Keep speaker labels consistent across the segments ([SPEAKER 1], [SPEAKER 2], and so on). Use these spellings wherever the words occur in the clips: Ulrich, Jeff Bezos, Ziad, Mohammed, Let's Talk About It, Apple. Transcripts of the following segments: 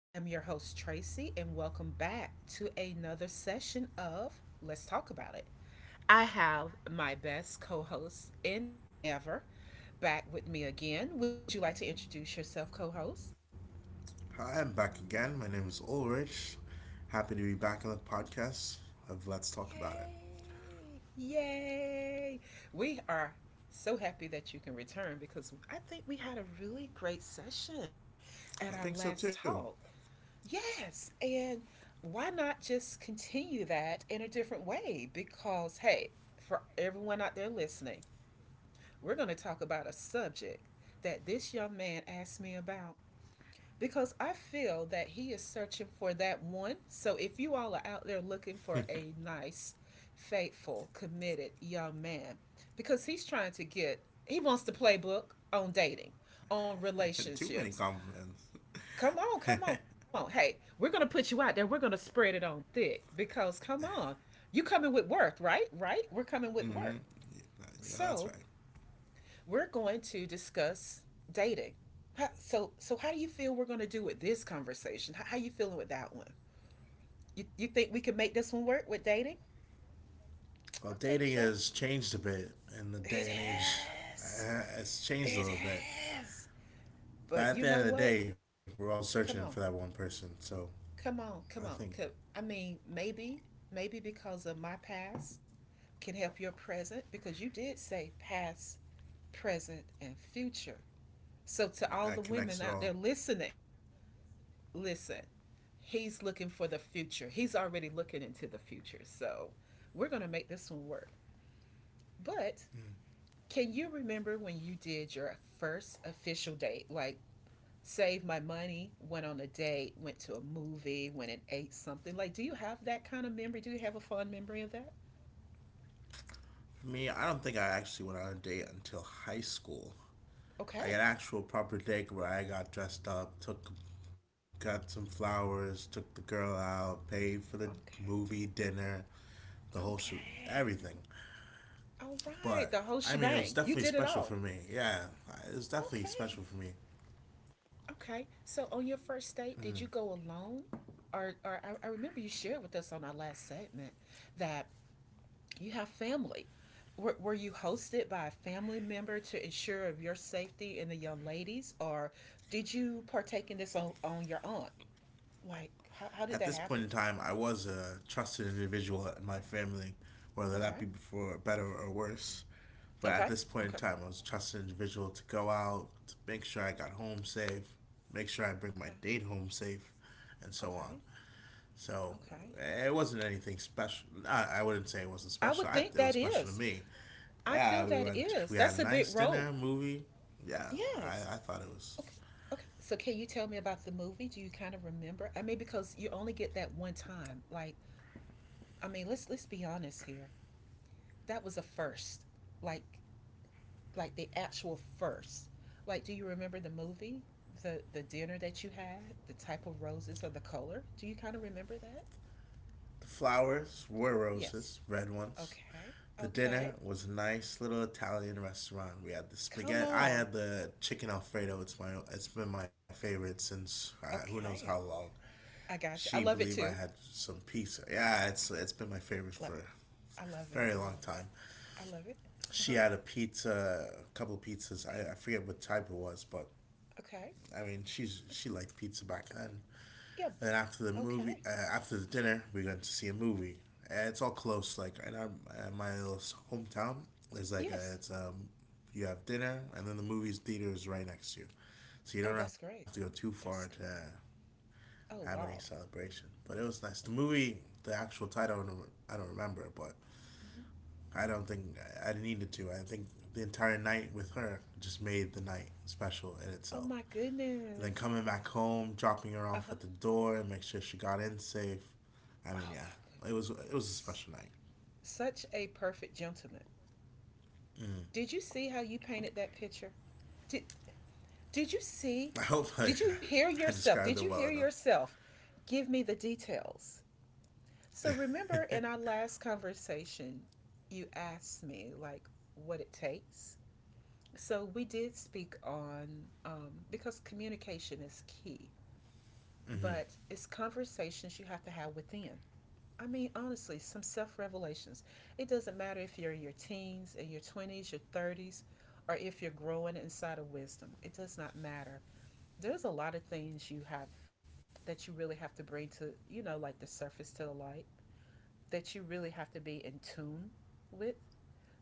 [SPEAKER 1] I am your host, Tracy, and welcome back to another session of Let's Talk About It. I have my best co host in ever back with me again. Would you like to introduce yourself, co host?
[SPEAKER 2] Hi, I'm back again. My name is Ulrich. Happy to be back on the podcast of Let's Talk About It.
[SPEAKER 1] Yay! Yay! We are so happy that you can return because I think we had a really great session at our
[SPEAKER 2] I
[SPEAKER 1] last
[SPEAKER 2] think so
[SPEAKER 1] talk.
[SPEAKER 2] too.
[SPEAKER 1] Yes. And why not just continue that in a different way? Because, hey, for everyone out there listening, we're going to talk about a subject that this young man asked me about because I feel that he is searching for that one. So if you all are out there looking for a nice, faithful, committed young man, because he's trying to get, he wants the playbook on dating, on
[SPEAKER 2] Too many
[SPEAKER 1] relationships.
[SPEAKER 2] compliments.
[SPEAKER 1] Come on, come on, come on. Hey, we're gonna put you out there. We're gonna spread it on thick because come on, you coming with worth, right? Right? We're coming with worth.
[SPEAKER 2] Hmm. You know,
[SPEAKER 1] So
[SPEAKER 2] that's right.
[SPEAKER 1] we're going to discuss dating. So how do you feel we're gonna do with this conversation? How you feeling with that one? You think we can make this one work with dating?
[SPEAKER 2] Well,
[SPEAKER 1] I think
[SPEAKER 2] dating
[SPEAKER 1] so.
[SPEAKER 2] has changed a bit in the
[SPEAKER 1] It
[SPEAKER 2] day and age.
[SPEAKER 1] has.
[SPEAKER 2] It's changed a
[SPEAKER 1] It
[SPEAKER 2] little bit.
[SPEAKER 1] has.
[SPEAKER 2] But
[SPEAKER 1] But
[SPEAKER 2] at
[SPEAKER 1] you
[SPEAKER 2] the end
[SPEAKER 1] know
[SPEAKER 2] of the
[SPEAKER 1] what?
[SPEAKER 2] day, we're all searching for that
[SPEAKER 1] Come
[SPEAKER 2] one
[SPEAKER 1] on.
[SPEAKER 2] person. So
[SPEAKER 1] Come
[SPEAKER 2] I
[SPEAKER 1] on,
[SPEAKER 2] think
[SPEAKER 1] come on. I mean, maybe because of my past can help your present because you did say past, present, and future. So, to all
[SPEAKER 2] that
[SPEAKER 1] the
[SPEAKER 2] connects
[SPEAKER 1] women
[SPEAKER 2] it
[SPEAKER 1] out
[SPEAKER 2] all.
[SPEAKER 1] there listening, listen, he's looking for the future. He's already looking into the future. So, we're going to make this one work. But can you remember when you did your first official date? Like saved my money, went on a date, went to a movie, went and ate something. Like, do you have that kind of memory? Do you have a fond memory of that?
[SPEAKER 2] For me, I don't think I actually went on a date until high school.
[SPEAKER 1] Okay.
[SPEAKER 2] Like an actual proper date where I got dressed up, took got some flowers, took the girl out, paid for the
[SPEAKER 1] Okay.
[SPEAKER 2] movie, dinner, the whole shoot,
[SPEAKER 1] Okay.
[SPEAKER 2] everything.
[SPEAKER 1] All right. The whole
[SPEAKER 2] But I
[SPEAKER 1] shebang.
[SPEAKER 2] mean, it
[SPEAKER 1] You
[SPEAKER 2] was
[SPEAKER 1] did it
[SPEAKER 2] definitely
[SPEAKER 1] all.
[SPEAKER 2] special for me. Yeah, it was
[SPEAKER 1] Okay.
[SPEAKER 2] definitely special for me.
[SPEAKER 1] Okay. So on your first date, did you go alone? Or I remember you shared with us on our last segment that you have family. Were you hosted by a family member to ensure of your safety and the young ladies, or did you partake in this on, your own? Like, how did
[SPEAKER 2] At
[SPEAKER 1] that
[SPEAKER 2] this point
[SPEAKER 1] happen?
[SPEAKER 2] in time, I was a trusted individual in my family, whether that
[SPEAKER 1] Okay.
[SPEAKER 2] be for better or worse. But at
[SPEAKER 1] Okay.
[SPEAKER 2] this point in
[SPEAKER 1] Okay.
[SPEAKER 2] time, I was a trusted individual to go out, to make sure I got home safe, make sure I bring my
[SPEAKER 1] Okay.
[SPEAKER 2] date home safe, and so on.
[SPEAKER 1] Okay.
[SPEAKER 2] So
[SPEAKER 1] Okay.
[SPEAKER 2] it wasn't anything special. I wouldn't say it wasn't
[SPEAKER 1] I
[SPEAKER 2] special.
[SPEAKER 1] would
[SPEAKER 2] I,
[SPEAKER 1] think
[SPEAKER 2] it was
[SPEAKER 1] that
[SPEAKER 2] special to
[SPEAKER 1] is.
[SPEAKER 2] me.
[SPEAKER 1] I feel
[SPEAKER 2] Yeah, we
[SPEAKER 1] that
[SPEAKER 2] went.
[SPEAKER 1] is.
[SPEAKER 2] We had
[SPEAKER 1] That's
[SPEAKER 2] a
[SPEAKER 1] a big
[SPEAKER 2] nice
[SPEAKER 1] role.
[SPEAKER 2] dinner, movie. Yeah, I,
[SPEAKER 1] Yes.
[SPEAKER 2] I thought it was.
[SPEAKER 1] Okay. Okay. So can you tell me about the movie? Do you kind of remember? I mean, because you only get that one time. Like, I mean, let's be honest here. That was a first. Like like the actual first. Like, do you remember the movie, the dinner that you had, the type of roses or the color? Do you kind of remember that?
[SPEAKER 2] The flowers were
[SPEAKER 1] Yes.
[SPEAKER 2] roses, red ones.
[SPEAKER 1] Okay.
[SPEAKER 2] The
[SPEAKER 1] Okay.
[SPEAKER 2] dinner was a nice little Italian restaurant. We had the
[SPEAKER 1] Come
[SPEAKER 2] spaghetti. I
[SPEAKER 1] on.
[SPEAKER 2] had the chicken alfredo. It's my. It's been my favorite since who knows how
[SPEAKER 1] Okay.
[SPEAKER 2] long.
[SPEAKER 1] I got you.
[SPEAKER 2] She
[SPEAKER 1] I love it
[SPEAKER 2] believed I
[SPEAKER 1] too.
[SPEAKER 2] had some pizza. Yeah, it's been my favorite
[SPEAKER 1] Look,
[SPEAKER 2] for a
[SPEAKER 1] I love it. I
[SPEAKER 2] very long
[SPEAKER 1] love it.
[SPEAKER 2] time.
[SPEAKER 1] I love it. Uh huh.
[SPEAKER 2] She had a pizza, a couple pizzas.
[SPEAKER 1] Okay.
[SPEAKER 2] I forget what type it was, but
[SPEAKER 1] Okay.
[SPEAKER 2] I mean, she liked pizza back then.
[SPEAKER 1] Yeah.
[SPEAKER 2] And
[SPEAKER 1] But
[SPEAKER 2] then after the movie,
[SPEAKER 1] okay.
[SPEAKER 2] after the dinner, we went to see a movie. And it's all close, like in our in my little hometown. There's like a,
[SPEAKER 1] Yes.
[SPEAKER 2] it's you have dinner, and then the movie's theater is right next to you, so you
[SPEAKER 1] Oh,
[SPEAKER 2] don't have
[SPEAKER 1] that's
[SPEAKER 2] to go
[SPEAKER 1] great.
[SPEAKER 2] too far
[SPEAKER 1] That's
[SPEAKER 2] to
[SPEAKER 1] great.
[SPEAKER 2] have any
[SPEAKER 1] Oh wow.
[SPEAKER 2] celebration. But it was nice. The movie, the actual title, I don't remember, but
[SPEAKER 1] Mhm.
[SPEAKER 2] I don't think I needed to. I think the entire night with her just made the night special in itself.
[SPEAKER 1] Oh my
[SPEAKER 2] And then
[SPEAKER 1] goodness.
[SPEAKER 2] coming back home, dropping her
[SPEAKER 1] Uh
[SPEAKER 2] off at
[SPEAKER 1] huh.
[SPEAKER 2] the door, and make sure she got in safe. I mean,
[SPEAKER 1] Oh
[SPEAKER 2] yeah,
[SPEAKER 1] my
[SPEAKER 2] it was a
[SPEAKER 1] goodness.
[SPEAKER 2] special night.
[SPEAKER 1] Such a perfect gentleman.
[SPEAKER 2] Mm.
[SPEAKER 1] Did you see how you painted that picture? Did did you
[SPEAKER 2] I
[SPEAKER 1] see?
[SPEAKER 2] hope I,
[SPEAKER 1] Did you hear
[SPEAKER 2] I
[SPEAKER 1] yourself?
[SPEAKER 2] described
[SPEAKER 1] Did
[SPEAKER 2] it
[SPEAKER 1] you
[SPEAKER 2] well
[SPEAKER 1] hear
[SPEAKER 2] enough.
[SPEAKER 1] yourself? Give me the details. So remember in our last conversation, you asked me like what it takes. So we did speak on, because communication is key,
[SPEAKER 2] Mm-hmm.
[SPEAKER 1] but it's conversations you have to have within. I mean, honestly, some self revelations. It doesn't matter if you're in your teens, in your 20s, your 30s, or if you're growing inside of wisdom. It does not matter. There's a lot of things you have that you really have to bring to, like the surface to the light, that you really have to be in tune with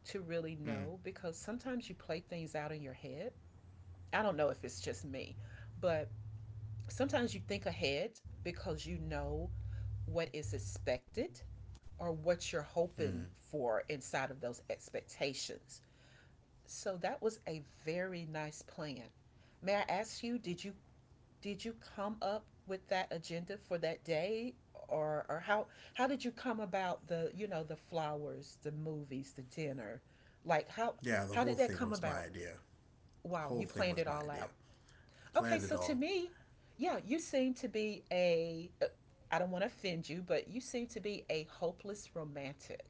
[SPEAKER 1] to really
[SPEAKER 2] Mm.
[SPEAKER 1] know because sometimes you play things out in your head. I don't know if it's just me, but sometimes you think ahead because you know what is expected or what you're
[SPEAKER 2] Mm.
[SPEAKER 1] hoping for inside of those expectations. So that was a very nice plan. May I ask you, did you come up with that agenda for that day or how did you come about the flowers, the movies, the dinner? Like how
[SPEAKER 2] Yeah, the
[SPEAKER 1] how
[SPEAKER 2] whole
[SPEAKER 1] did that
[SPEAKER 2] thing
[SPEAKER 1] come
[SPEAKER 2] was my
[SPEAKER 1] about?
[SPEAKER 2] idea. The
[SPEAKER 1] Wow,
[SPEAKER 2] whole
[SPEAKER 1] you
[SPEAKER 2] thing
[SPEAKER 1] planned
[SPEAKER 2] was
[SPEAKER 1] it
[SPEAKER 2] my
[SPEAKER 1] all
[SPEAKER 2] idea.
[SPEAKER 1] out.
[SPEAKER 2] I planned
[SPEAKER 1] Okay,
[SPEAKER 2] it
[SPEAKER 1] so
[SPEAKER 2] all.
[SPEAKER 1] to me, yeah, you seem to be a I don't want to offend you, but you seem to be a hopeless romantic.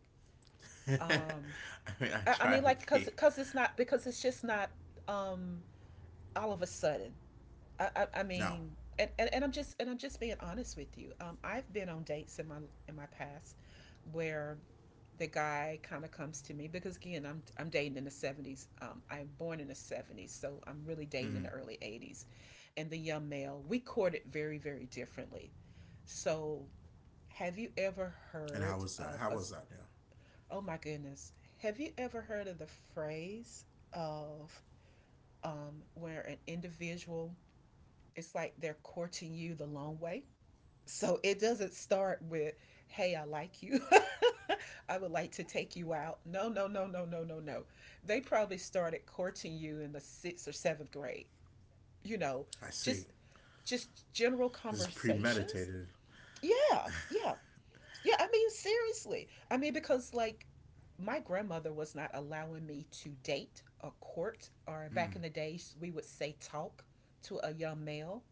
[SPEAKER 2] I
[SPEAKER 1] Um
[SPEAKER 2] mean, I
[SPEAKER 1] I
[SPEAKER 2] try
[SPEAKER 1] mean,
[SPEAKER 2] to
[SPEAKER 1] like, because
[SPEAKER 2] be.
[SPEAKER 1] because it's not, because it's just not, um all of a sudden. I
[SPEAKER 2] No.
[SPEAKER 1] mean, and I'm just being honest with you. I've been on dates in my past where the guy kind of comes to me because again I'm dating in the 70s. I'm born in the 70s, so I'm really dating in
[SPEAKER 2] Mm.
[SPEAKER 1] the early 80s. And the young male, we courted very very differently. So, have you ever
[SPEAKER 2] And how was that?
[SPEAKER 1] heard
[SPEAKER 2] How was that?
[SPEAKER 1] of
[SPEAKER 2] Yeah,
[SPEAKER 1] a? Oh my goodness. Have you ever heard of the phrase of where an individual, it's like they're courting you the long way? So it doesn't start with, hey, I like you. I would like to take you out. No, no, no, no, no, no, no. They probably started courting you in the sixth or seventh grade. You
[SPEAKER 2] I
[SPEAKER 1] know,
[SPEAKER 2] see.
[SPEAKER 1] just just general
[SPEAKER 2] This is premeditated.
[SPEAKER 1] conversations. Yeah, yeah. Yeah, I mean, seriously. I mean, because like my grandmother was not allowing me to date or court,
[SPEAKER 2] Mm,
[SPEAKER 1] or back in the days, we would say talk to a young male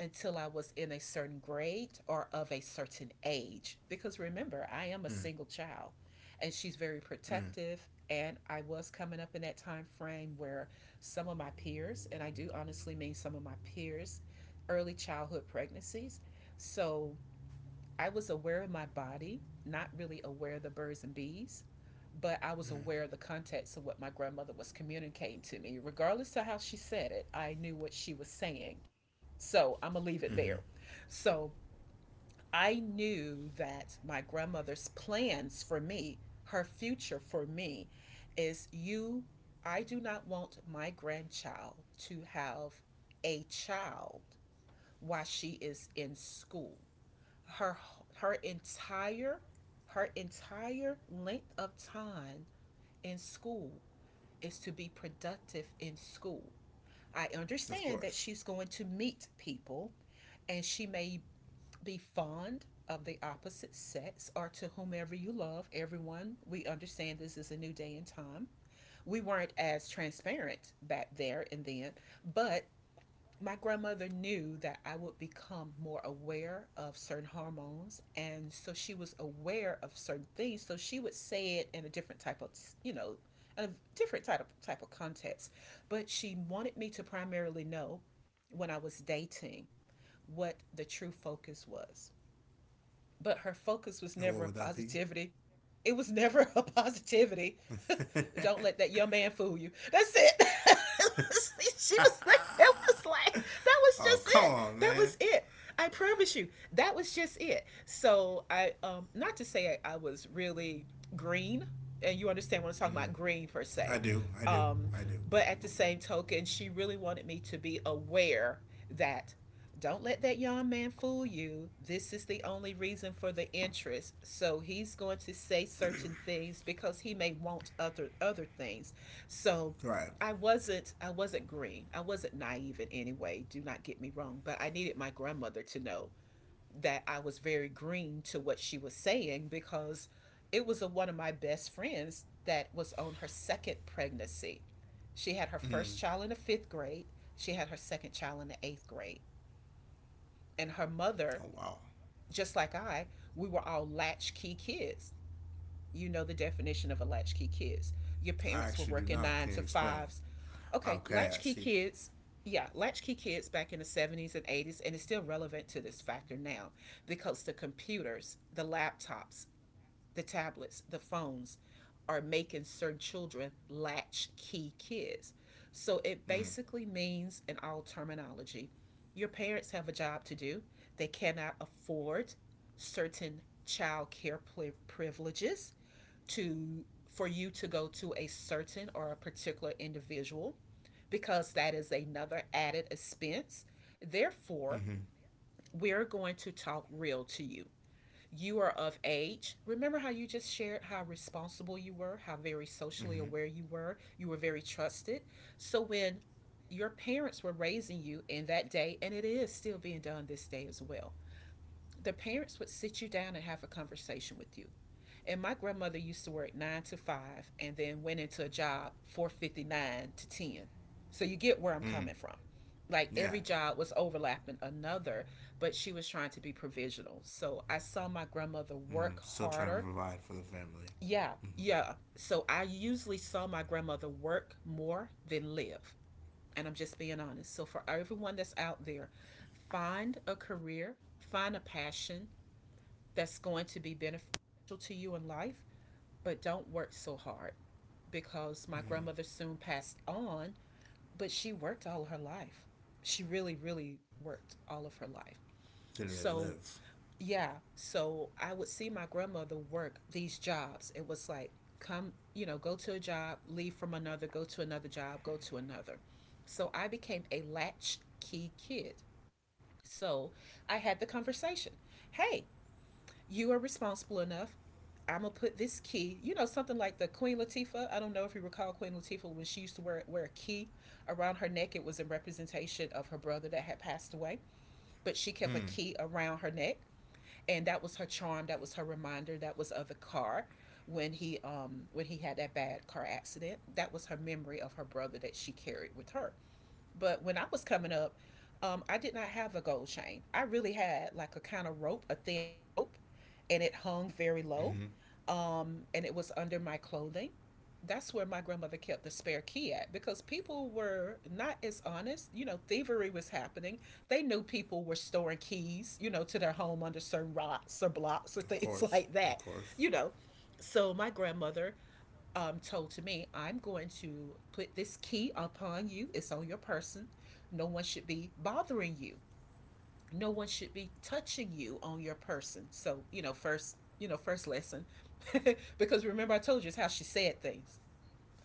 [SPEAKER 1] until I was in a certain grade or of a certain age. Because remember, I
[SPEAKER 2] mm,
[SPEAKER 1] am a single child and she's very
[SPEAKER 2] mm.
[SPEAKER 1] protective. And I was coming up in that time frame where some of my peers, and I do honestly mean some of my peers, early childhood pregnancies. So I was aware of my body, not really aware of the birds and bees, but I was aware of the context of what my grandmother was communicating to me. Regardless of how she said it, I knew what she was saying. So I'm
[SPEAKER 2] Hmm.
[SPEAKER 1] going to leave it there. So I knew that my grandmother's plans for me, her future for me, is you, I do not want my grandchild to have a child while she is in school, her her entire her entire length of time in school is to be productive in school. I
[SPEAKER 2] Of
[SPEAKER 1] understand
[SPEAKER 2] course.
[SPEAKER 1] that she's going to meet people and she may be fond of the opposite sex or to whomever you love, everyone. We understand this is a new day and time. We weren't as transparent back there and then, but my grandmother knew that I would become more aware of certain hormones. And so she was aware of certain things. So she would say it in a different type of, you know, a different type of context. But she wanted me to primarily know when I was dating what the true focus was, but her
[SPEAKER 2] And what would
[SPEAKER 1] focus was
[SPEAKER 2] that be?
[SPEAKER 1] never a positivity. It was never a positivity. Don't let that young man fool you. That's it. she was like, it was like, that
[SPEAKER 2] Oh,
[SPEAKER 1] was
[SPEAKER 2] come
[SPEAKER 1] just it.
[SPEAKER 2] on, man.
[SPEAKER 1] That was it. I promise you, that was just it. So not to say I was really green, and you understand what I'm talking
[SPEAKER 2] Mm,
[SPEAKER 1] about, green per
[SPEAKER 2] I
[SPEAKER 1] se.
[SPEAKER 2] do. I do.
[SPEAKER 1] Um,
[SPEAKER 2] I do.
[SPEAKER 1] but at the same token, she really wanted me to be aware that don't let that young man fool you. This is the only reason for the interest. So he's going to say certain things because he may want other things. So
[SPEAKER 2] Right.
[SPEAKER 1] I wasn't green. I wasn't naive in any way. Do not get me wrong, but I needed my grandmother to know that I was very green to what she was saying because it was one of my best friends that was on her second pregnancy. She had her
[SPEAKER 2] Mm.
[SPEAKER 1] first child in the 5th grade. She had her second child in the 8th grade and her
[SPEAKER 2] Oh,
[SPEAKER 1] mother,
[SPEAKER 2] wow.
[SPEAKER 1] just like I, we were all latchkey kids. You know the definition of a latchkey kids. Your parents
[SPEAKER 2] I
[SPEAKER 1] were
[SPEAKER 2] actually
[SPEAKER 1] working
[SPEAKER 2] do
[SPEAKER 1] nine to
[SPEAKER 2] not. Can you
[SPEAKER 1] fives.
[SPEAKER 2] explain?
[SPEAKER 1] Okay, latchkey
[SPEAKER 2] Okay, I
[SPEAKER 1] kids.
[SPEAKER 2] see.
[SPEAKER 1] Yeah, latchkey kids back in the 70s and 80s, and it's still relevant to this factor now because the computers, the laptops, the tablets, the phones are making certain children latch key kids. So it basically
[SPEAKER 2] Mm.
[SPEAKER 1] means, in all terminology, your parents have a job to do. They cannot afford certain child care privileges to for you to go to a certain or a particular individual because that is another added expense. Therefore,
[SPEAKER 2] Mm-hmm.
[SPEAKER 1] we're going to talk real to you. You are of age. Remember how you just shared how responsible you were, how very socially aware
[SPEAKER 2] Mm-hmm.
[SPEAKER 1] you were very trusted. So when your parents were raising you in that day, and it is still being done this day as well, the parents would sit you down and have a conversation with you. And my grandmother used to work nine to five and then went into a job 4:59 to 10. So you get where I'm coming from.
[SPEAKER 2] Mm.
[SPEAKER 1] Like every job
[SPEAKER 2] Yeah.
[SPEAKER 1] was overlapping another, but she was trying to be provisional. So I saw my grandmother
[SPEAKER 2] Mm.
[SPEAKER 1] work
[SPEAKER 2] Still trying to
[SPEAKER 1] harder.
[SPEAKER 2] provide for the family.
[SPEAKER 1] Yeah,
[SPEAKER 2] Mm-hmm.
[SPEAKER 1] yeah. So I usually saw my grandmother work more than live. And I'm just being honest. So for everyone that's out there, find a career, find a passion that's going to be beneficial to you in life, but don't work so hard because my
[SPEAKER 2] Mm.
[SPEAKER 1] grandmother soon passed on, but she worked all her life. She really, really worked all of her life.
[SPEAKER 2] Didn't really
[SPEAKER 1] So,
[SPEAKER 2] live.
[SPEAKER 1] yeah, so I would see my grandmother work these jobs. It was like, come, go to a job, leave from another, go to another job, go to another. So I became a latchkey kid. So I had the conversation, hey, you are responsible enough. I'm gonna put this key, something like the Queen Latifah. I don't know if you recall Queen Latifah when she used to wear a key around her neck. It was in representation of her brother that had passed away, but she kept a key
[SPEAKER 2] Mm.
[SPEAKER 1] around her neck, and that was her charm. That was her reminder. That was of the car when he had that bad car accident. That was her memory of her brother that she carried with her. But when I was coming up, I did not have a gold chain. I really had like a kind of rope, a thin rope, and it hung very low.
[SPEAKER 2] Mm-hmm.
[SPEAKER 1] And it was under my clothing. That's where my grandmother kept the spare key at because people were not as honest. You know, thievery was happening. They knew people were storing keys, to their home under certain rocks or blocks or
[SPEAKER 2] Of
[SPEAKER 1] things
[SPEAKER 2] course.
[SPEAKER 1] like
[SPEAKER 2] Of
[SPEAKER 1] that,
[SPEAKER 2] course.
[SPEAKER 1] you know. So my grandmother told to me, I'm going to put this key upon you. It's on your person. No one should be bothering you. No one should be touching you on your person. So, first, first lesson. Because remember, I told you it's how she said things.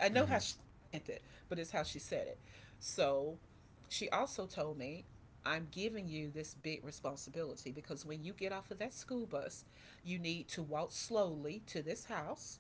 [SPEAKER 1] I know how she
[SPEAKER 2] Mm-hmm.
[SPEAKER 1] meant it, but it's how she said it. So she also told me, I'm giving you this big responsibility because when you get off of that school bus, you need to walk slowly to this house,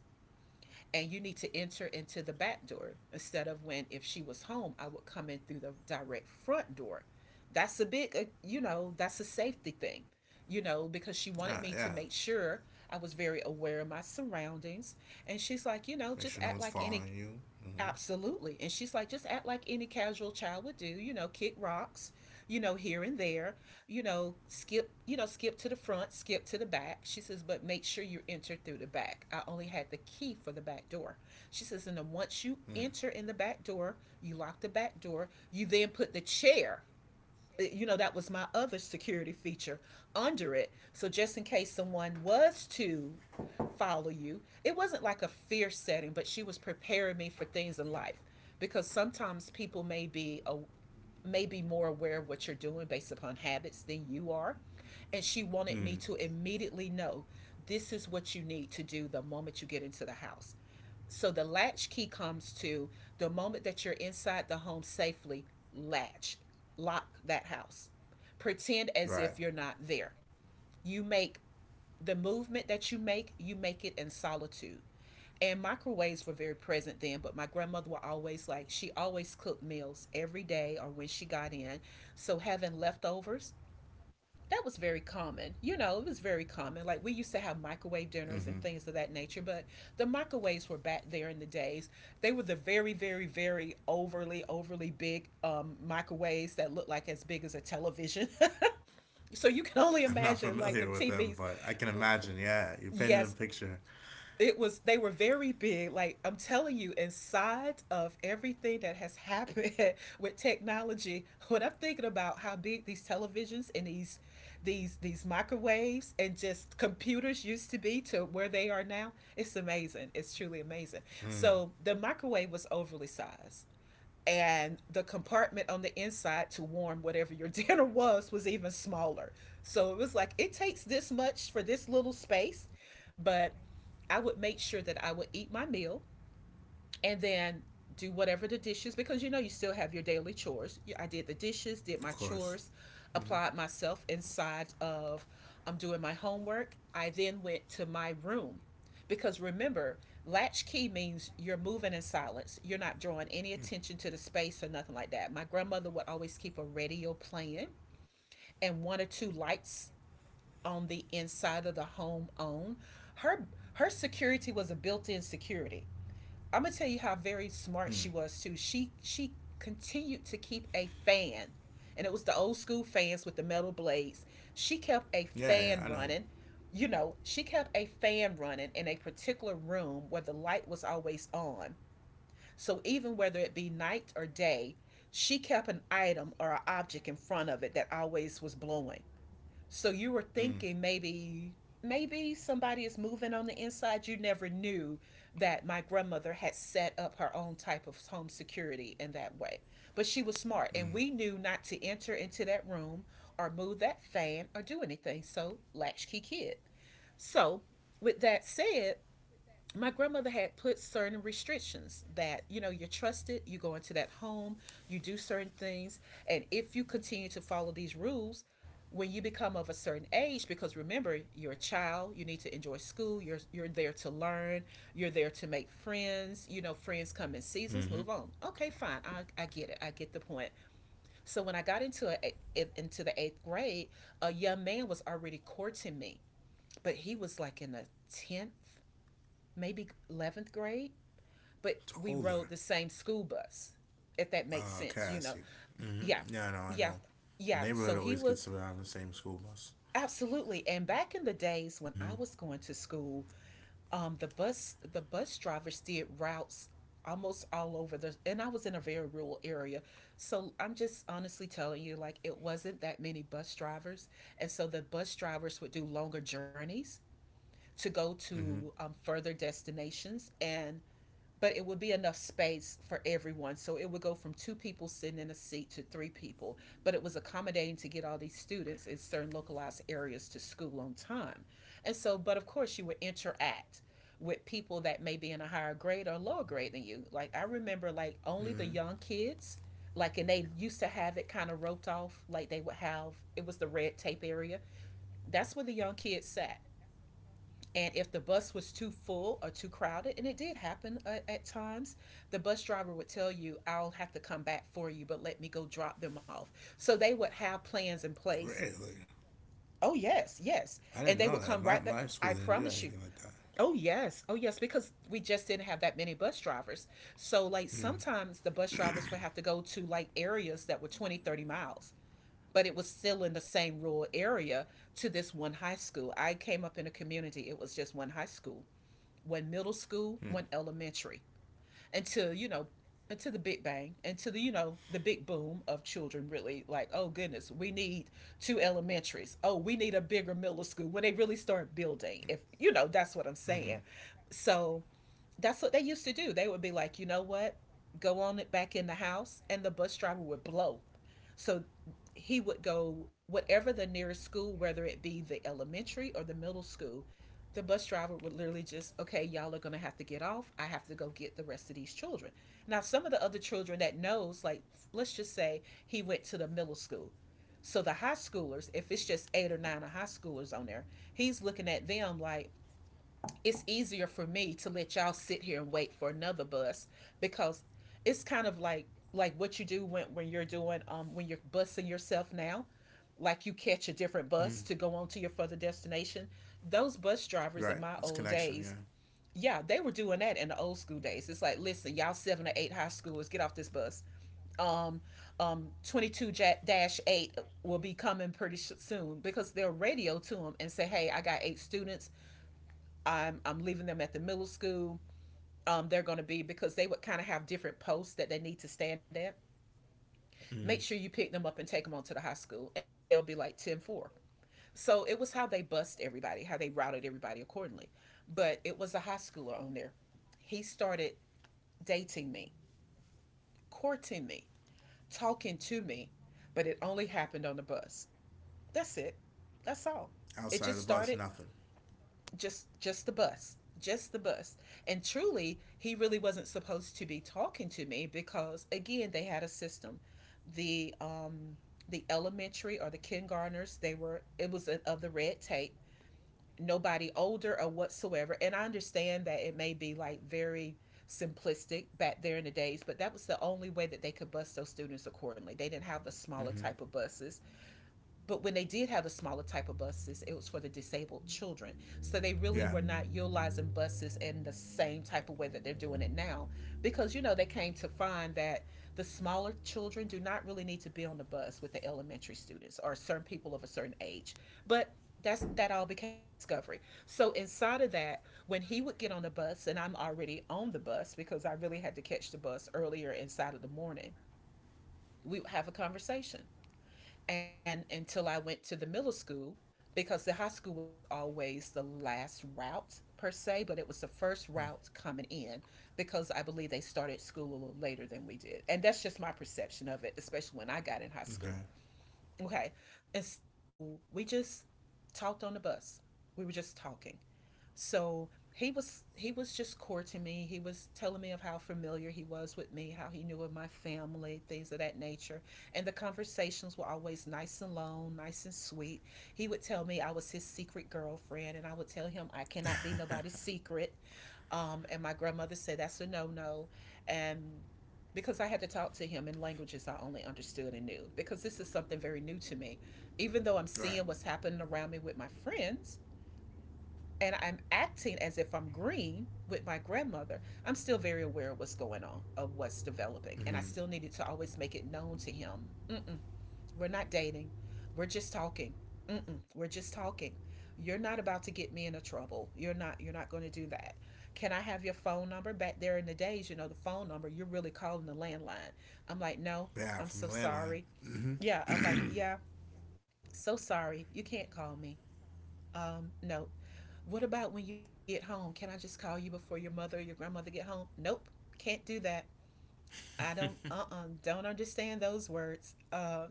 [SPEAKER 1] and you need to enter into the back door, instead of when if she was home, I would come in through the direct front door. That's a big, that's a safety thing, because she
[SPEAKER 2] Yeah,
[SPEAKER 1] wanted me
[SPEAKER 2] yeah.
[SPEAKER 1] to make sure I was very aware of my surroundings. And she's like,
[SPEAKER 2] Make
[SPEAKER 1] just
[SPEAKER 2] sure
[SPEAKER 1] act
[SPEAKER 2] no one's
[SPEAKER 1] like any.
[SPEAKER 2] following you. Mm-hmm.
[SPEAKER 1] Absolutely. And she's like, just act like any casual child would do, kick rocks, here and there, skip, skip to the front, skip to the back. She says, but make sure you enter through the back. I only had the key for the back door. She says, and then once you enter in the back door, you lock the back door, you then put the chair, that was my other security feature, under it, so just in case someone was to follow you. It wasn't like a fear setting, but she was preparing me for things in life because sometimes people may may be more aware of what you're doing based upon habits than you are, and she wanted me
[SPEAKER 2] Mm.
[SPEAKER 1] to
[SPEAKER 2] Mm.
[SPEAKER 1] immediately know this is what you need to do the moment you get into the house. So the latch key comes to the moment that you're inside the home safely, latch, lock that house. Pretend as if
[SPEAKER 2] Right.
[SPEAKER 1] you're not there. You make the movement that you make it in solitude. And microwaves were very present then, but my grandmother would always, like, she always cooked meals every day or when she got in. So having leftovers, that was very common. You know, it was very common. Like, we used to have microwave dinners
[SPEAKER 2] Mm-hmm.
[SPEAKER 1] and things of that nature, but the microwaves were back there in the days. They were the very, very, very overly, overly big microwaves that looked like as big as a television. So you can only
[SPEAKER 2] I'm not
[SPEAKER 1] imagine, like, the
[SPEAKER 2] familiar with them,
[SPEAKER 1] TVs.
[SPEAKER 2] but I can imagine. Yeah, you're painting a
[SPEAKER 1] Yes,
[SPEAKER 2] picture.
[SPEAKER 1] it was they were very big. Like, I'm telling you, inside of everything that has happened with technology, when I'm thinking about how big these televisions and these microwaves and just computers used to be to where they are now, it's amazing, it's truly amazing. So
[SPEAKER 2] Mm.
[SPEAKER 1] the microwave was overly sized, and the compartment on the inside to warm whatever your dinner was even smaller. So it was like it takes this much for this little space, but I would make sure that I would eat my meal and then do whatever the dishes, because you still have your daily chores. I did the dishes, did my
[SPEAKER 2] Of
[SPEAKER 1] chores,
[SPEAKER 2] course.
[SPEAKER 1] applied
[SPEAKER 2] Mm-hmm.
[SPEAKER 1] myself inside of, I'm doing my homework. I then went to my room because remember, latchkey means you're moving in silence. You're not drawing any attention to the space or nothing like that. My grandmother would always keep a radio playing and one or two lights on the inside of the home on. Her her security was a built-in security. I'm gonna tell you how very smart she
[SPEAKER 2] Mm.
[SPEAKER 1] was too. She continued to keep a fan, and it was the old school fans with the metal blades. She kept a
[SPEAKER 2] Yeah, yeah, I know.
[SPEAKER 1] fan running. You know, she kept a fan running in a particular room where the light was always on. So even whether it be night or day, she kept an item or an object in front of it that always was blowing. So you were
[SPEAKER 2] Mm.
[SPEAKER 1] thinking, maybe somebody is moving on the inside. You never knew that my grandmother had set up her own type of home security in that way. But she was smart, and we
[SPEAKER 2] Mm.
[SPEAKER 1] knew not to enter into that room or move that fan or do anything. So, latchkey kid. So with that said, my grandmother had put certain restrictions, that you're trusted, you go into that home, you do certain things, and if you continue to follow these rules, when you become of a certain age, because remember, you're a child, you need to enjoy school, you're there to learn, you're there to make friends. Friends come in
[SPEAKER 2] Mm-hmm.
[SPEAKER 1] seasons, move on. Okay, fine, I get it, I get the point. So when I got into the eighth grade, a young man was already courting me, but he was like in the 10th, maybe 11th grade, but
[SPEAKER 2] It's
[SPEAKER 1] we
[SPEAKER 2] older.
[SPEAKER 1] rode the same school bus, if that makes sense,
[SPEAKER 2] Okay,
[SPEAKER 1] you
[SPEAKER 2] I
[SPEAKER 1] know.
[SPEAKER 2] see.
[SPEAKER 1] Yeah,
[SPEAKER 2] Mm-hmm. Yeah, I know, I
[SPEAKER 1] yeah,
[SPEAKER 2] know. The
[SPEAKER 1] yeah. So
[SPEAKER 2] neighborhood
[SPEAKER 1] he
[SPEAKER 2] always
[SPEAKER 1] was
[SPEAKER 2] gets around the same school bus.
[SPEAKER 1] absolutely. And back in the
[SPEAKER 2] Mm-hmm.
[SPEAKER 1] days when I was going to school, the bus drivers did routes almost all over. The and I was in a very rural area. So I'm just honestly telling you, like, it wasn't that many bus drivers. And so the bus drivers would do longer journeys to go
[SPEAKER 2] Mm-hmm.
[SPEAKER 1] to further destinations, and but it would be enough space for everyone. So it would go from two people sitting in a seat to three people, but it was accommodating to get all these students in certain localized areas to school on time. And so, but of course, you would interact with people that may be in a higher grade or lower grade than you. Like, I remember, like,
[SPEAKER 2] Hmm.
[SPEAKER 1] only the young kids. Like, and they used to have it kind of roped off, like, they would have, it was the red tape area. That's where the young kids sat. And if the bus was too full or too crowded, and it did happen, at times, the bus driver would tell you, I'll have to come back for you, but let me go drop them off. So they would have plans in place.
[SPEAKER 2] Really?
[SPEAKER 1] Oh, yes, yes.
[SPEAKER 2] I didn't
[SPEAKER 1] And
[SPEAKER 2] know
[SPEAKER 1] they would
[SPEAKER 2] that.
[SPEAKER 1] come
[SPEAKER 2] My,
[SPEAKER 1] right
[SPEAKER 2] my
[SPEAKER 1] back.
[SPEAKER 2] school
[SPEAKER 1] I
[SPEAKER 2] didn't do anything
[SPEAKER 1] promise
[SPEAKER 2] like
[SPEAKER 1] you.
[SPEAKER 2] that.
[SPEAKER 1] Oh, yes. Oh, yes. Because we just didn't have that many bus drivers. So, like,
[SPEAKER 2] Mm-hmm.
[SPEAKER 1] sometimes the bus drivers would have to go to like areas that were 20, 30 miles, but it was still in the same rural area, to this one high school. I came up in a community, it was just one high school, one middle
[SPEAKER 2] Mm-hmm.
[SPEAKER 1] school, one elementary, until, you know, until the Big Bang, until the big boom of children, really, like, oh goodness, we need two elementaries. Oh, we need a bigger middle school when they really start building. If, you know, that's what I'm
[SPEAKER 2] Mm-hmm.
[SPEAKER 1] saying. So that's what they used to do. They would be like, you know what? Go on it back in the house, and the bus driver would blow. So he would go whatever the nearest school, whether it be the elementary or the middle school, the bus driver would literally just, okay, y'all are gonna have to get off. I have to go get the rest of these children. Now, some of the other children that knows, like let's just say he went to the middle school. So the high schoolers, if it's just eight or nine of high schoolers on there, he's looking at them like, it's easier for me to let y'all sit here and wait for another bus because it's kind of like what you do when you're doing when you're busing yourself now, like you catch a
[SPEAKER 2] Mm.
[SPEAKER 1] different bus to go on to your further destination. Those bus
[SPEAKER 2] Right. It's
[SPEAKER 1] drivers in my
[SPEAKER 2] connection, yeah.
[SPEAKER 1] old days, yeah, they were doing that in the old school days. It's like, listen, y'all seven or eight high schoolers get off this bus. um 22 dash 8 will be coming pretty soon because they'll radio to them and say, hey, I got eight students. I'm leaving them at the middle school. They're going to be because they would kind of have different posts that they need to stand at.
[SPEAKER 2] Mm-hmm.
[SPEAKER 1] Make sure you pick them up and take them on to the high school, and they'll be like 10-4. So it was how they bust everybody, how they routed everybody accordingly. But it was a high schooler on there. He started dating me, courting me, talking to me, but it only happened on the bus. That's it. That's all.
[SPEAKER 2] Outside of
[SPEAKER 1] It
[SPEAKER 2] the
[SPEAKER 1] just
[SPEAKER 2] bus,
[SPEAKER 1] started,
[SPEAKER 2] nothing.
[SPEAKER 1] just the bus, just the bus. And truly he really wasn't supposed to be talking to me because again they had a system. The um the elementary or the kindergartners, they were, it was a, of the red tape, nobody older or whatsoever. And I understand that it may be like very simplistic back there in the days, but that was the only way that they could bus those students accordingly. They didn't have the smaller
[SPEAKER 2] Mm-hmm.
[SPEAKER 1] type of buses, but when they did have the smaller type of buses, it was for the disabled children. So they really
[SPEAKER 2] Yeah.
[SPEAKER 1] were not utilizing buses in the same type of way that they're doing it now. Because, you know, they came to find that the smaller children do not really need to be on the bus with the elementary students or certain people of a certain age. But that's, that all became discovery. So inside of that, when he would get on the bus, and I'm already on the bus because I really had to catch the bus earlier inside of the morning, we would have a conversation and until I went to the middle school, because the high school was always the last route per se, but it was the first route coming in because I believe they started school a little later than we did. And that's just my perception of it, especially when I got in
[SPEAKER 2] Mm.
[SPEAKER 1] high
[SPEAKER 2] Okay.
[SPEAKER 1] school. Okay. And so we just talked on the bus. We were just talking. So he was just core to me. He was telling me of how familiar he was with me, how he knew of my family, things of that nature. And the conversations were always nice and long, nice and sweet. He would tell me I was his secret girlfriend, and I would tell him I cannot be nobody's secret. And my grandmother said that's a no no. And because I had to talk to him in languages I only understood and knew, because this is something very new to me. Even though I'm
[SPEAKER 2] Right.
[SPEAKER 1] seeing what's happening around me with my friends, and I'm acting as if I'm green with my grandmother, I'm still very aware of what's going on, of what's developing. And I
[SPEAKER 2] Mm-hmm.
[SPEAKER 1] still needed to always make it known to him, mm-mm, we're not dating, we're just talking. Mm-mm, we're just talking. You're not about to get me into trouble. You're not. You're not going to do that. Can I have your phone number? Back there in the days, you know, the phone number. You're really calling the landline. I'm like, no. I'm
[SPEAKER 2] Yeah,
[SPEAKER 1] so
[SPEAKER 2] from a
[SPEAKER 1] sorry.
[SPEAKER 2] landline.
[SPEAKER 1] Yeah. I'm like,
[SPEAKER 2] Mm-hmm.
[SPEAKER 1] yeah. So sorry. You can't call me. No. What about when you get home? Can I just call you before your mother or your grandmother get home? Nope. Can't do that. I don't uh-uh, do not understand those words. Uh,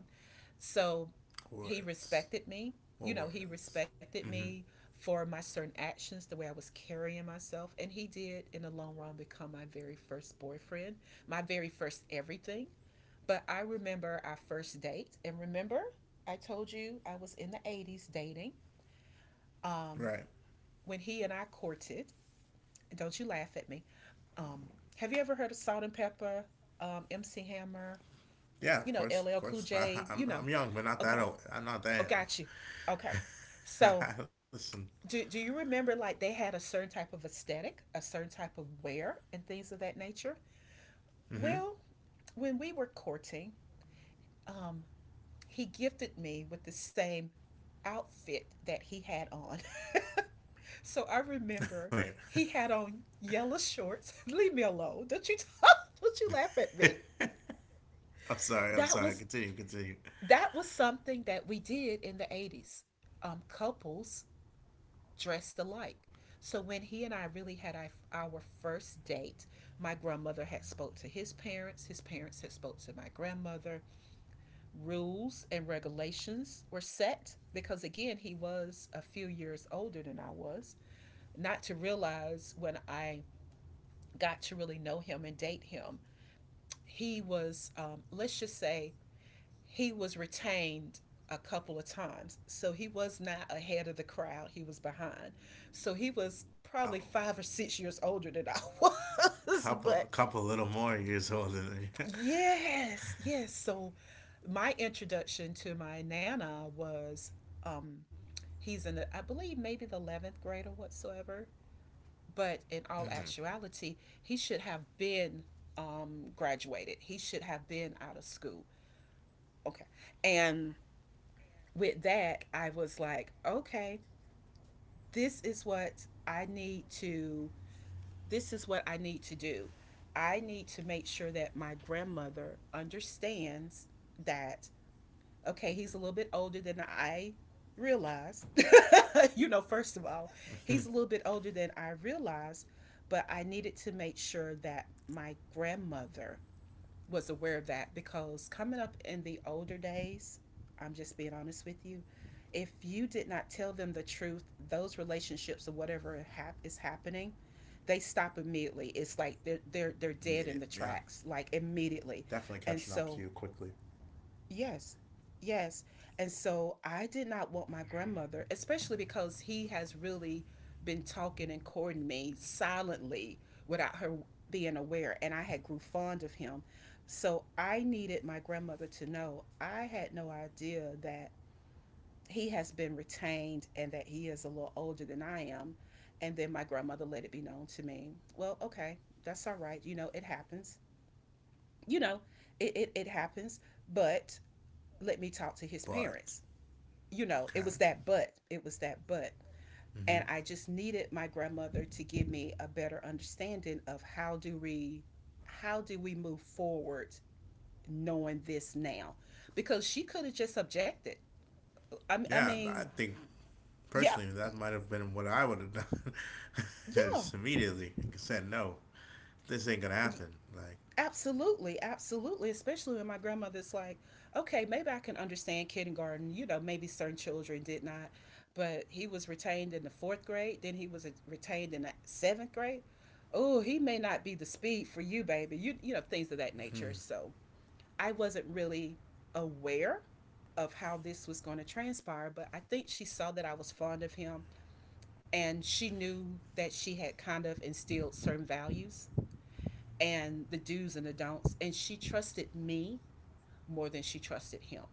[SPEAKER 1] so he respected
[SPEAKER 2] Words.
[SPEAKER 1] me. You know,
[SPEAKER 2] More
[SPEAKER 1] he
[SPEAKER 2] words.
[SPEAKER 1] respected me
[SPEAKER 2] Mm-hmm.
[SPEAKER 1] for my certain actions, the way I was carrying myself, and he did in the long run become my very first boyfriend, my very first everything. But I remember our first date, and remember I told you I was in the 80s dating. Um
[SPEAKER 2] Right.
[SPEAKER 1] when he and I courted, don't you laugh at me. Um, have you ever heard of Salt and Pepper, MC Hammer, you know,
[SPEAKER 2] Yeah,
[SPEAKER 1] LL
[SPEAKER 2] of
[SPEAKER 1] Cool
[SPEAKER 2] course, of
[SPEAKER 1] J,
[SPEAKER 2] course.
[SPEAKER 1] you
[SPEAKER 2] I,
[SPEAKER 1] know?
[SPEAKER 2] I'm
[SPEAKER 1] Okay,
[SPEAKER 2] young, but not that old.
[SPEAKER 1] oh,
[SPEAKER 2] I'm
[SPEAKER 1] got
[SPEAKER 2] not
[SPEAKER 1] you.
[SPEAKER 2] that
[SPEAKER 1] Okay. So,
[SPEAKER 2] young. Listen.
[SPEAKER 1] do you remember like they had a certain type of aesthetic, a certain type of wear, and things of that nature? Well,
[SPEAKER 2] Mm-hmm.
[SPEAKER 1] when we were courting, um, he gifted me with the same outfit that he had on. So I remember
[SPEAKER 2] Wait.
[SPEAKER 1] he had on yellow shorts. Leave me alone. Don't you don't you laugh at me.
[SPEAKER 2] I'm
[SPEAKER 1] That
[SPEAKER 2] sorry. I'm
[SPEAKER 1] was,
[SPEAKER 2] sorry. Continue. Continue.
[SPEAKER 1] that was something that we did in the 80s. Couples dressed alike. So when he and I really had our first date, my grandmother had spoke to his parents had spoke to my grandmother. Rules and regulations were set because again, he was a few years older than I was. Not to realize when I got to really know him and date him, he was, let's just say, he was retained a couple of times. So he was not ahead of the crowd, he was behind. So he was probably
[SPEAKER 2] Oh,
[SPEAKER 1] 5 or 6 years older than I was.
[SPEAKER 2] a
[SPEAKER 1] But
[SPEAKER 2] couple little more years older than you.
[SPEAKER 1] yes, yes. So my introduction to my Nana was, um, he's in, the, I believe, maybe the 11th grade or whatsoever. But in all
[SPEAKER 2] Mm-hmm.
[SPEAKER 1] actuality, he should have been, graduated. He should have been out of school. Okay. And with that, I was like, okay, this is what I need to this is what I need to do. I need to make sure that my grandmother understands that, okay, he's a little bit older than I realized. You know, first of all, he's a little bit older than I realized, but I needed to make sure that my grandmother was aware of that because coming up in the older days, I'm just being honest with you, if you did not tell them the truth, those relationships or whatever hap- is happening, they stop immediately. It's like they're dead
[SPEAKER 2] Meet
[SPEAKER 1] in the
[SPEAKER 2] it. Yeah,
[SPEAKER 1] tracks, like immediately. And
[SPEAKER 2] definitely catching
[SPEAKER 1] so,
[SPEAKER 2] up to you quickly.
[SPEAKER 1] yes. Yes. And so I did not want my grandmother, especially because he has really been talking and courting me silently without her being aware and I had grew fond of him. So I needed my grandmother to know. I had no idea that he has been retained and that he is a little older than I am. And then my grandmother let it be known to me. Well, okay, that's all right. You know, it happens. You know, it happens. But let me talk to his
[SPEAKER 2] But
[SPEAKER 1] parents. You know, it was
[SPEAKER 2] okay.
[SPEAKER 1] that but, it was that but.
[SPEAKER 2] Mm-hmm.
[SPEAKER 1] And I just needed my grandmother to give me a better understanding of how do we move forward knowing this now? Because she could have just objected. I
[SPEAKER 2] Yeah,
[SPEAKER 1] mean,
[SPEAKER 2] I think
[SPEAKER 1] yeah,
[SPEAKER 2] personally that might have been what I would have done. Just
[SPEAKER 1] yeah,
[SPEAKER 2] immediately said no. This ain't gonna happen. Like.
[SPEAKER 1] absolutely, absolutely. Especially when my grandmother's like, okay, maybe I can understand kindergarten. You know, maybe certain children did not, but he was retained in the fourth grade. Then he was retained in the seventh grade. Oh, he may not be the speed for you, baby. You know, things of that nature.
[SPEAKER 2] Mm-hmm.
[SPEAKER 1] So I wasn't really aware of how this was going to transpire, but I think she saw that I was fond of him and she knew that she had kind of instilled certain values and the do's and the don'ts. And she trusted me more than she trusted him.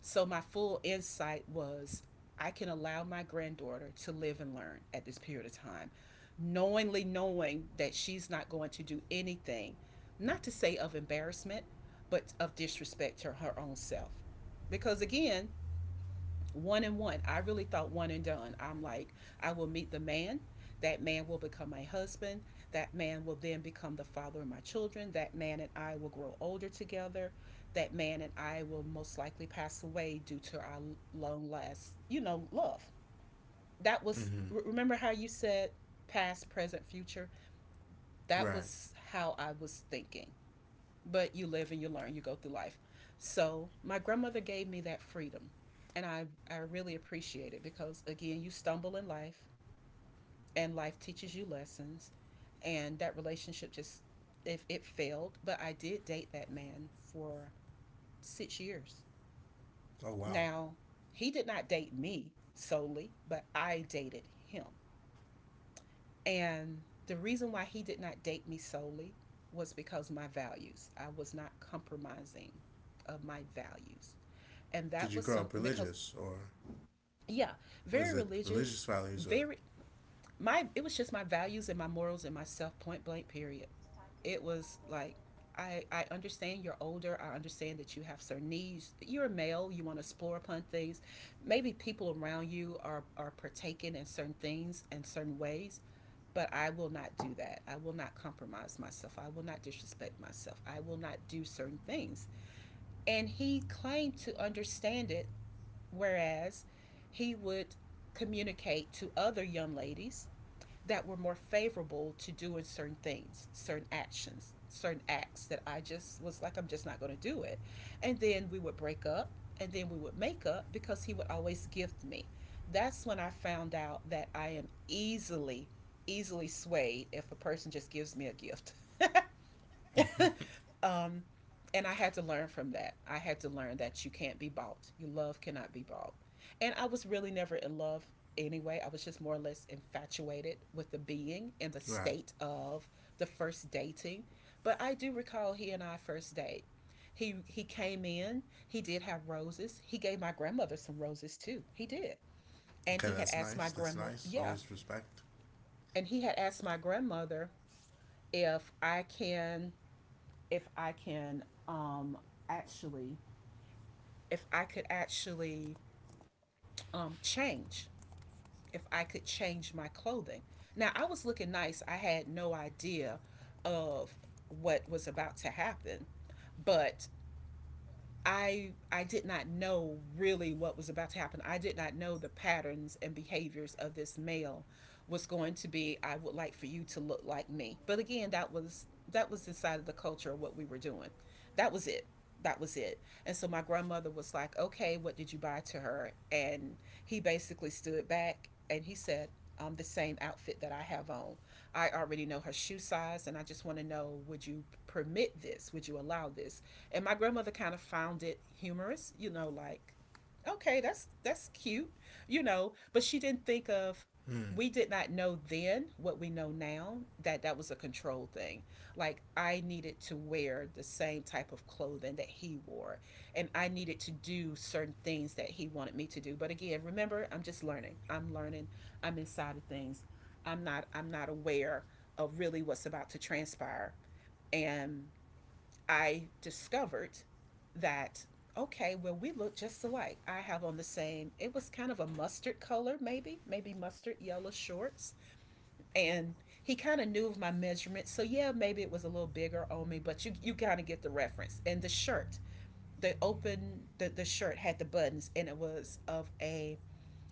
[SPEAKER 1] So my full insight was I can allow my granddaughter to live and learn at this period of time, knowingly knowing that she's not going to do anything, not to say of embarrassment, but of disrespect to her own self. Because again, one and one. I really thought one and done. I'm like, I will meet the man. That man will become my husband. That man will then become the father of my children. That man and I will grow older together. That man and I will most likely pass away due to our long last, love. That was,
[SPEAKER 2] Mm-hmm.
[SPEAKER 1] remember how you said past, present, future? That
[SPEAKER 2] Right.
[SPEAKER 1] was how I was thinking. But you live and you learn, you go through life. So my grandmother gave me that freedom. And I really appreciate it because, again, you stumble in life and life teaches you lessons. And that relationship just, if it failed, but I did date that man for 6 years.
[SPEAKER 2] Oh wow.
[SPEAKER 1] Now, he did not date me solely, but I dated him. And the reason why he did not date me solely was because my values. I was not compromising of my values. And
[SPEAKER 2] Did
[SPEAKER 1] that
[SPEAKER 2] you
[SPEAKER 1] was
[SPEAKER 2] grow up
[SPEAKER 1] something because,
[SPEAKER 2] religious or
[SPEAKER 1] yeah,
[SPEAKER 2] was
[SPEAKER 1] very
[SPEAKER 2] it religious
[SPEAKER 1] religious,
[SPEAKER 2] values or
[SPEAKER 1] very, it was just my values and my morals and myself, point blank, period. It was like, I understand you're older. I understand that you have certain needs. You're a male. You want to explore upon things. Maybe people around you are partaking in certain things and certain ways, but I will not do that. I will not compromise myself. I will not disrespect myself. I will not do certain things. And he claimed to understand it. Whereas he would communicate to other young ladies that were more favorable to doing certain things, certain actions, certain acts that I just was like, I'm just not going to do it. And then we would break up and then we would make up because he would always gift me. That's when I found out that I am easily swayed if a person just gives me a gift. Um, and I had to learn from that. I had to learn that you can't be bought. Your love cannot be bought. And I was really never in love anyway. I was just more or less infatuated with the being and the
[SPEAKER 2] right?
[SPEAKER 1] state of the first dating. But I do recall he and I first date. He came in. He did have roses. He gave my grandmother some roses too. He did.
[SPEAKER 2] Okay,
[SPEAKER 1] And he
[SPEAKER 2] that's
[SPEAKER 1] had
[SPEAKER 2] nice.
[SPEAKER 1] asked my
[SPEAKER 2] That's nice.
[SPEAKER 1] grandmother,
[SPEAKER 2] Always
[SPEAKER 1] yeah,
[SPEAKER 2] respect.
[SPEAKER 1] and he had asked my grandmother if I can if I can actually, if I could actually change, if I could change my clothing. Now, I was looking nice. I had no idea of what was about to happen, but I did not know really what was about to happen. I did not know the patterns and behaviors of this male was going to be I would like for you to look like me. But again, that was inside of the culture of what we were doing. That was it. That was it. And so my grandmother was like, "Okay, what did you buy to her?" And he basically stood back and he said, the same outfit that I have on. I already know her shoe size, and I just want to know would you permit this? Would you allow this? And my grandmother kind of found it humorous, you know, like, okay, that's cute, you know, but she didn't think of
[SPEAKER 2] Mm.
[SPEAKER 1] we did not know then what we know now that that was a control thing. Like I needed to wear the same type of clothing that he wore and I needed to do certain things that he wanted me to do. But again, remember, I'm just learning. I'm learning. I'm inside of things. I'm not aware of really what's about to transpire. And I discovered that okay, well we look just alike. I have on the same. It was kind of a mustard color, maybe mustard yellow shorts, and he kind of knew of my measurements. So yeah, maybe it was a little bigger on me, but you kind of get the reference. And the shirt, the shirt had the buttons, and it was of a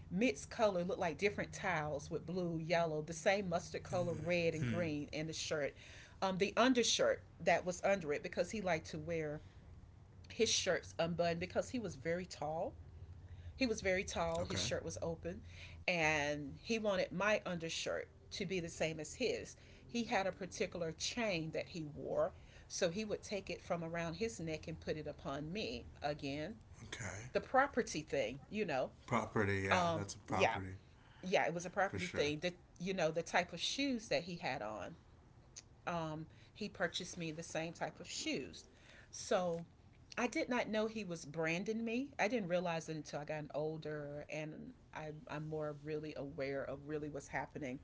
[SPEAKER 1] mixed color looked like different tiles with blue, yellow, the same mustard color,
[SPEAKER 2] Mm.
[SPEAKER 1] red and
[SPEAKER 2] Mm.
[SPEAKER 1] green in the shirt. The undershirt that was under it because he liked to wear his shirts unbuttoned because he was very tall. He was very tall, his shirt was
[SPEAKER 2] Okay.
[SPEAKER 1] open, and he wanted my undershirt to be the same as his. He had a particular chain that he wore, so he would take it from around his neck and put it upon me. Again, the
[SPEAKER 2] Okay.
[SPEAKER 1] property thing, you know.
[SPEAKER 2] Property.
[SPEAKER 1] Um,
[SPEAKER 2] Yeah, that's
[SPEAKER 1] yeah,
[SPEAKER 2] a property
[SPEAKER 1] yeah, it was a property
[SPEAKER 2] for
[SPEAKER 1] thing.
[SPEAKER 2] sure.
[SPEAKER 1] That, you know, the type of shoes that he had on, um, he purchased me the same type of shoes. So I did not know he was branding me. I didn't realize it until I got older and I'm more really aware of really what's happening.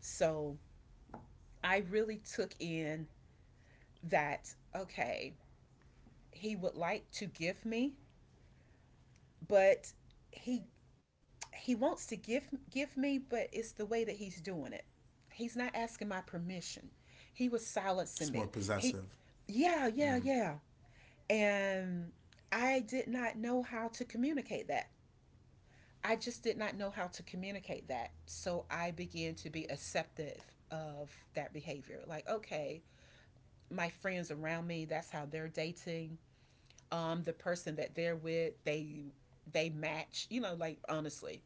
[SPEAKER 1] So I really took in that, okay, he would like to give me, but he he wants to give me, but it's the way that he's doing it. He's not asking my permission. He was
[SPEAKER 2] It's
[SPEAKER 1] silencing
[SPEAKER 2] more
[SPEAKER 1] me. He
[SPEAKER 2] possessive.
[SPEAKER 1] yeah, yeah,
[SPEAKER 2] Mm.
[SPEAKER 1] yeah. And I did not know how to communicate that. I just did not know how to communicate that. So I began to be acceptive of that behavior. Like, okay, my friends around me, that's how they're dating. The person that they're with, they match, you know, like honestly,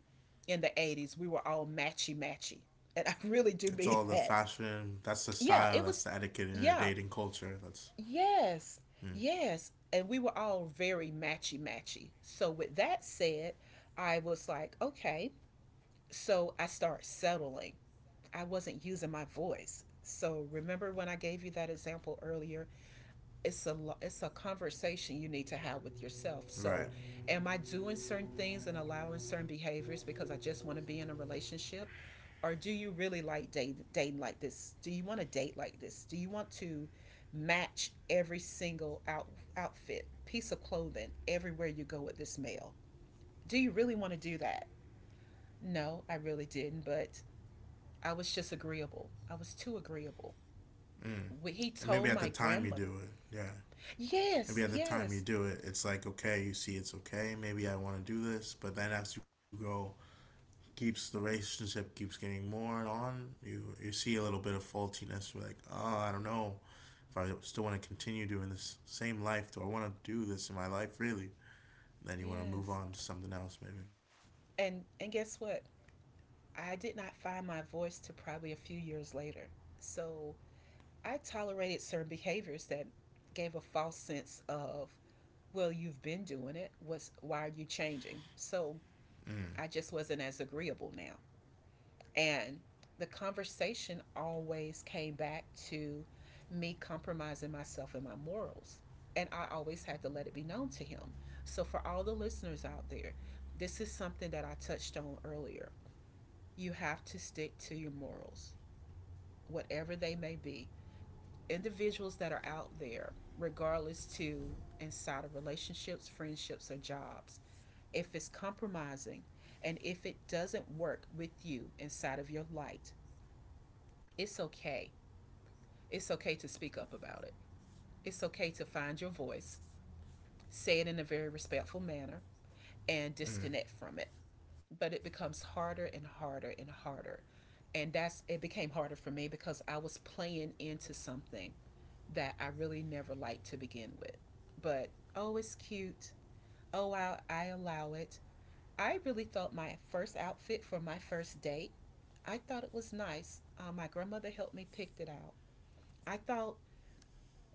[SPEAKER 1] in the 80s, we were all matchy matchy. And I really do
[SPEAKER 2] It's
[SPEAKER 1] mean
[SPEAKER 2] all the
[SPEAKER 1] that.
[SPEAKER 2] fashion. That's the
[SPEAKER 1] Yeah,
[SPEAKER 2] style.
[SPEAKER 1] it
[SPEAKER 2] That's
[SPEAKER 1] was,
[SPEAKER 2] the etiquette in a
[SPEAKER 1] yeah.
[SPEAKER 2] dating culture. That's
[SPEAKER 1] Yes,
[SPEAKER 2] mm.
[SPEAKER 1] yes. And we were all very matchy matchy. So, with that said, I was like, okay. So, I start settling. I wasn't using my voice. So, remember when I gave you that example earlier, it's a it's a conversation you need to have with yourself. So
[SPEAKER 2] Right.
[SPEAKER 1] am I doing certain things and allowing certain behaviors because I just want to be in a relationship? Or do you really like dating like this? Do you want to date like this? Do you want to match every single outfit piece of clothing everywhere you go with this male? Do you really want to do that? No, I really didn't, but I was just agreeable. I was too agreeable.
[SPEAKER 2] Mm.
[SPEAKER 1] He
[SPEAKER 2] And maybe
[SPEAKER 1] told
[SPEAKER 2] at the
[SPEAKER 1] my
[SPEAKER 2] time you
[SPEAKER 1] grandmother.
[SPEAKER 2] do it. Yeah.
[SPEAKER 1] Yes,
[SPEAKER 2] Maybe at the time
[SPEAKER 1] yes,
[SPEAKER 2] you do it, it's like okay, you see, it's okay. Maybe I want to do this, but then as you grow keeps the relationship keeps getting more and on, you see a little bit of faultiness. You're like, oh, I don't know if I still want to continue doing this same life. Do I want to do this in my life really? And then you want to move
[SPEAKER 1] yes.
[SPEAKER 2] on to something else maybe.
[SPEAKER 1] And guess what? I did not find my voice to probably a few years later. So I tolerated certain behaviors that gave a false sense of, well, you've been doing it. What's why are you changing? So
[SPEAKER 2] Mm,
[SPEAKER 1] I just wasn't as agreeable now. And the conversation always came back to me compromising myself and my morals. And I always had to let it be known to him. So, for all the listeners out there, this is something that I touched on earlier. You have to stick to your morals, whatever they may be. Individuals that are out there, regardless to inside of relationships, friendships, or jobs, if it's compromising and if it doesn't work with you inside of your light, it's okay. It's okay to speak up about it. It's okay to find your voice, say it in a very respectful manner, and
[SPEAKER 2] mm,
[SPEAKER 1] disconnect from it. But it becomes harder and harder and harder. And that's it became harder for me because I was playing into something that I really never liked to begin with. But oh, it's cute. Oh, I allow it. I really thought my first outfit for my first date, I thought it was nice. My grandmother helped me pick it out. I thought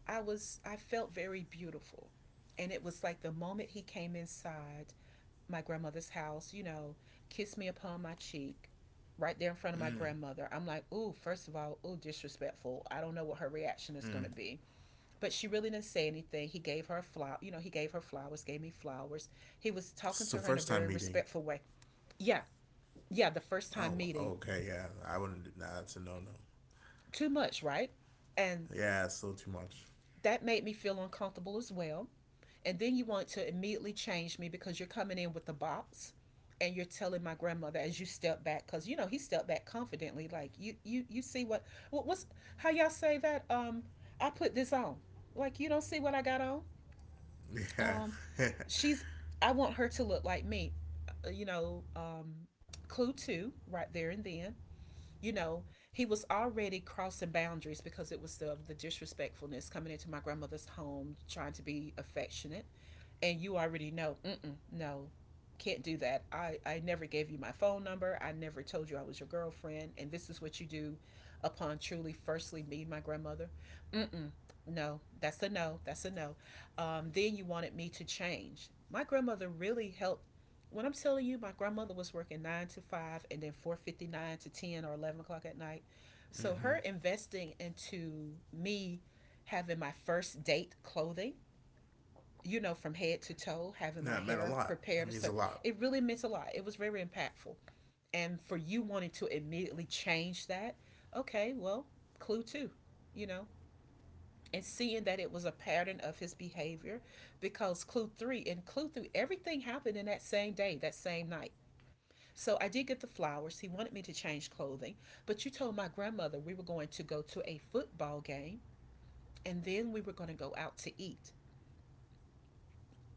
[SPEAKER 1] I felt very beautiful. And it was like the moment he came inside, my grandmother's house, you know, kissed me upon my cheek right there in front of my
[SPEAKER 2] mm,
[SPEAKER 1] grandmother. I'm like, ooh, first of all, ooh, disrespectful. I don't know what her reaction is
[SPEAKER 2] mm.
[SPEAKER 1] going to be. But she really didn't say anything. He gave her a flower, you know, he gave her flowers, gave me flowers. He was talking
[SPEAKER 2] It's the
[SPEAKER 1] to her in a
[SPEAKER 2] first time
[SPEAKER 1] very
[SPEAKER 2] meeting.
[SPEAKER 1] respectful way. Yeah, yeah, the first time
[SPEAKER 2] Oh, well,
[SPEAKER 1] meeting.
[SPEAKER 2] okay, yeah. I wouldn't. Do- nah, that's a no no.
[SPEAKER 1] Too much, right? And
[SPEAKER 2] Yeah, it's a little too much.
[SPEAKER 1] that made me feel uncomfortable as well. And then you want to immediately change me because you're coming in with the box and you're telling my grandmother as you step back because he stepped back confidently like you see what's how y'all say that, I put this on, like you don't see what I got on,
[SPEAKER 2] Yeah.
[SPEAKER 1] um
[SPEAKER 2] Mm-hmm.
[SPEAKER 1] she's I want her to look like me. Uh, you know um clue two right there. And then, you know, he was already crossing boundaries because it was the disrespectfulness coming into my grandmother's home trying to be affectionate and you already know, mm-mm, no, can't do that. I never gave you my phone number. I never told you I was your girlfriend. And this is what you do upon truly, firstly, meeting my grandmother. Mm-mm, no, that's a no. That's a no. Then you wanted me to change. My grandmother really helped. When I'm telling you, my grandmother was working 9 to 5 and then 4:59 to 10 or 11 o'clock at night. So her investing into me having my first date clothing from head to toe, having my
[SPEAKER 2] That meant a
[SPEAKER 1] hair
[SPEAKER 2] lot.
[SPEAKER 1] prepared.
[SPEAKER 2] That
[SPEAKER 1] So
[SPEAKER 2] means a lot.
[SPEAKER 1] it really meant a lot. It was very impactful. And for you wanting to immediately change that, okay, well, clue two, you know, and seeing that it was a pattern of his behavior, because clue three, and clue three, everything happened in that same day, that same night. So I did get the flowers, he wanted me to change clothing, but you told my grandmother we were going to go to a football game and then we were going to go out to eat.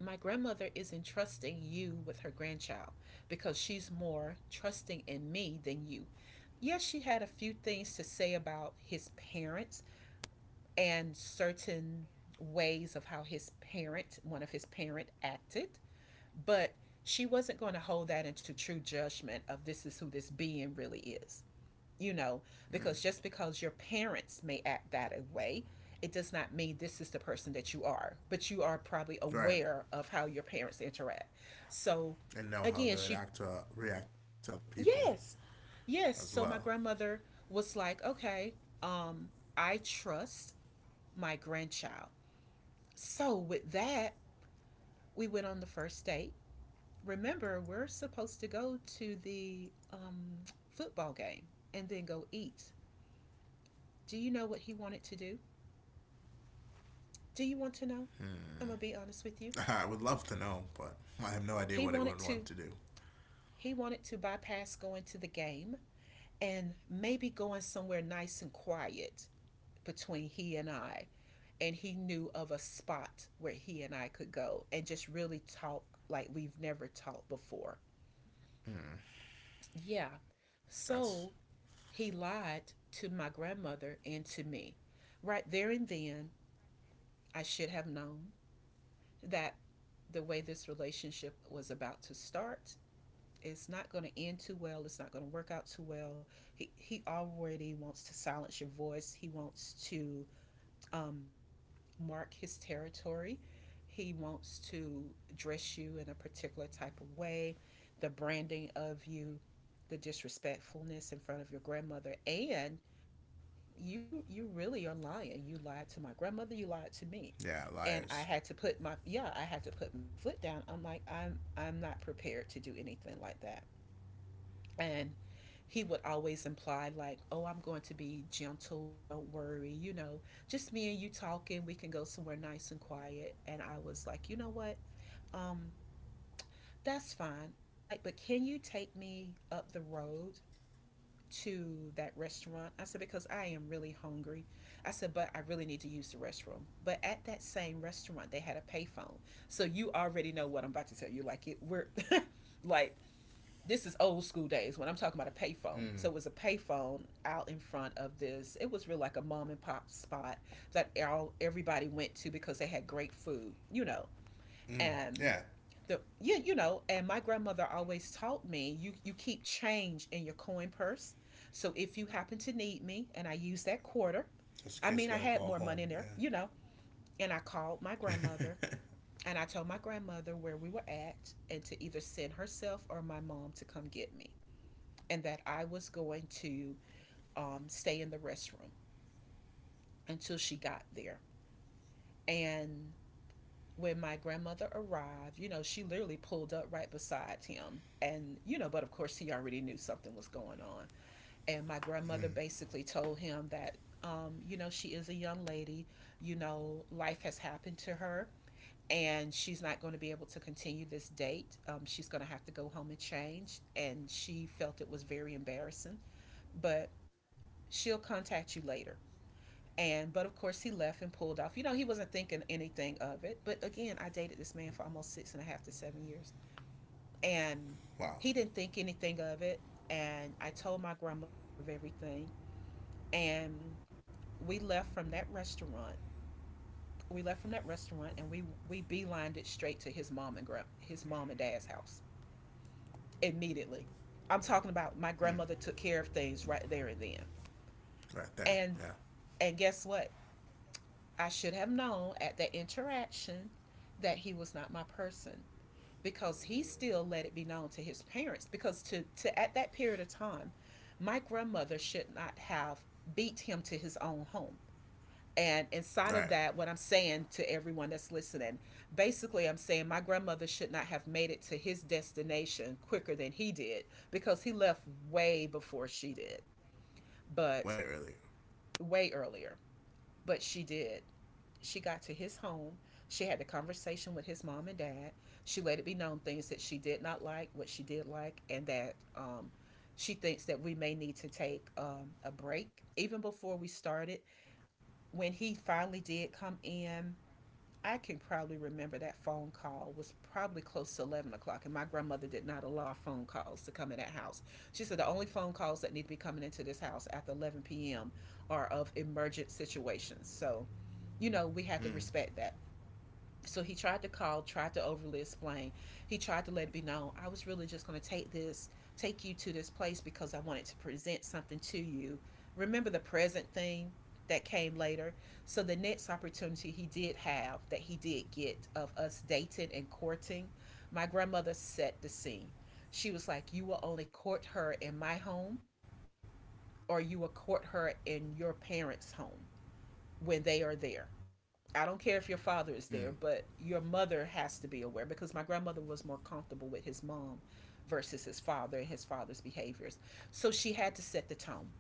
[SPEAKER 1] My grandmother is entrusting you with her grandchild because she's more trusting in me than you. Yes, she had a few things to say about his parents and certain ways of how his parent, one of his parent acted, but she wasn't going to hold that into true judgment of this is who this being really is you know,
[SPEAKER 2] Mm.
[SPEAKER 1] Because just because your parents may act that way, it does not mean this is the person that you are, but you are probably
[SPEAKER 2] Right.
[SPEAKER 1] aware of how your parents interact. So,
[SPEAKER 2] And know how they
[SPEAKER 1] again,
[SPEAKER 2] would
[SPEAKER 1] she,
[SPEAKER 2] act to react to other people.
[SPEAKER 1] yes,
[SPEAKER 2] As
[SPEAKER 1] yes.
[SPEAKER 2] well.
[SPEAKER 1] So, my grandmother was like, okay, um, I trust my grandchild. So, with that, we went on the first date. Remember, we're supposed to go to the football game and then go eat. Do you know what he wanted to do? Do you want to know? I'm gonna be
[SPEAKER 2] Hmm.
[SPEAKER 1] honest with you.
[SPEAKER 2] I would love to know, but I have no idea
[SPEAKER 1] He
[SPEAKER 2] what it
[SPEAKER 1] wanted
[SPEAKER 2] would
[SPEAKER 1] to
[SPEAKER 2] want to do.
[SPEAKER 1] he wanted to bypass going to the game and maybe going somewhere nice and quiet between he and I. And he knew of a spot where he and I could go and just really talk like we've never talked before.
[SPEAKER 2] Hmm.
[SPEAKER 1] Yeah.
[SPEAKER 2] That's
[SPEAKER 1] So he lied to my grandmother and to me. Right there and then, I should have known that the way this relationship was about to start, it's not going to end too well, it's not going to work out too well. He already wants to silence your voice, he wants to um, mark his territory, he wants to dress you in a particular type of way, the branding of you, the disrespectfulness in front of your grandmother. And you really are lying, you lied to my grandmother, you lied to me.
[SPEAKER 2] yeah, liars.
[SPEAKER 1] And I had to put my yeah, I had to put my foot down. I'm like, I'm not prepared to do anything like that. And he would always imply, like, oh, I'm going to be gentle. Don't worry. Just me and you talking. We can go somewhere nice and quiet. And I was like, you know what? Um, that's fine. I'm like, but can you take me up the road to that restaurant? I said, because I am really hungry. I said, but I really need to use the restroom. But at that same restaurant, they had a payphone. So you already know what I'm about to tell you. Like it, we're like this is old school days when I'm talking about a payphone. So
[SPEAKER 2] Mm.
[SPEAKER 1] it was a payphone out in front of this. It was real like a mom and pop spot that all everybody went to because they had great food.
[SPEAKER 2] Mm.
[SPEAKER 1] And
[SPEAKER 2] Yeah,
[SPEAKER 1] the yeah, and my grandmother always taught me, you keep change in your coin purse. So if you happen to need me and I use that quarter,
[SPEAKER 2] just in case you gotta
[SPEAKER 1] I
[SPEAKER 2] call
[SPEAKER 1] mean I
[SPEAKER 2] home.
[SPEAKER 1] had more money in there, and I
[SPEAKER 2] Yeah.
[SPEAKER 1] called my grandmother and I told my grandmother where we were at and to either send herself or my mom to come get me, and that I was going to stay in the restroom until she got there. And when my grandmother arrived, she literally pulled up right beside him. And, but of course he already knew something was going on. And my
[SPEAKER 2] Mm.
[SPEAKER 1] grandmother basically told him that, she is a young lady, life has happened to her, and she's not going to be able to continue this date. She's going to have to go home and change. And she felt it was very embarrassing. But she'll contact you later. And but of course he left and pulled off. He wasn't thinking anything of it. But again, I dated this man for almost six and a half to seven years. And
[SPEAKER 2] Wow.
[SPEAKER 1] he didn't think anything of it. And I told my grandmother of everything. And we left from that restaurant. We left from that restaurant, and we beelined it straight to his mom and dad's house immediately. I'm talking about my
[SPEAKER 2] Mm.
[SPEAKER 1] grandmother took care of things right there and then.
[SPEAKER 2] Right there.
[SPEAKER 1] And
[SPEAKER 2] Yeah.
[SPEAKER 1] and guess what? I should have known at that interaction that he was not my person, because he still let it be known to his parents. Because to at that period of time, my grandmother should not have beat him to his own home. And inside
[SPEAKER 2] All
[SPEAKER 1] of
[SPEAKER 2] right.
[SPEAKER 1] that, what I'm saying to everyone that's listening, basically I'm saying, my grandmother should not have made it to his destination quicker than he did, because he left way before she did.
[SPEAKER 2] Way
[SPEAKER 1] But
[SPEAKER 2] earlier.
[SPEAKER 1] way earlier. But she did. She got to his home. She had the conversation with his mom and dad. She let it be known things that she did not like, what she did like, and that she thinks that we may need to take a break. Even before we started, when he finally did come in, I can probably remember that phone call was probably close to 11 o'clock, and my grandmother did not allow phone calls to come in that house. She said the only phone calls that need to be coming into this house after 11 p.m. are of emergent situations. So, we
[SPEAKER 2] Mm.
[SPEAKER 1] had to respect that. So he tried to call, tried to overly explain. He tried to let it be known, I was really just going to take you to this place because I wanted to present something to you. Remember the present thing that came later? So the next opportunity he did have, that he did get, of us dating and courting, my grandmother set the scene. She was like, you will only court her in my home, or you will court her in your parents' home when they are there. I don't care if your
[SPEAKER 2] Mm.
[SPEAKER 1] father is there, but your mother has to be aware, because my grandmother was more comfortable with his mom versus his father and his father's behaviors. So she had to set the tone.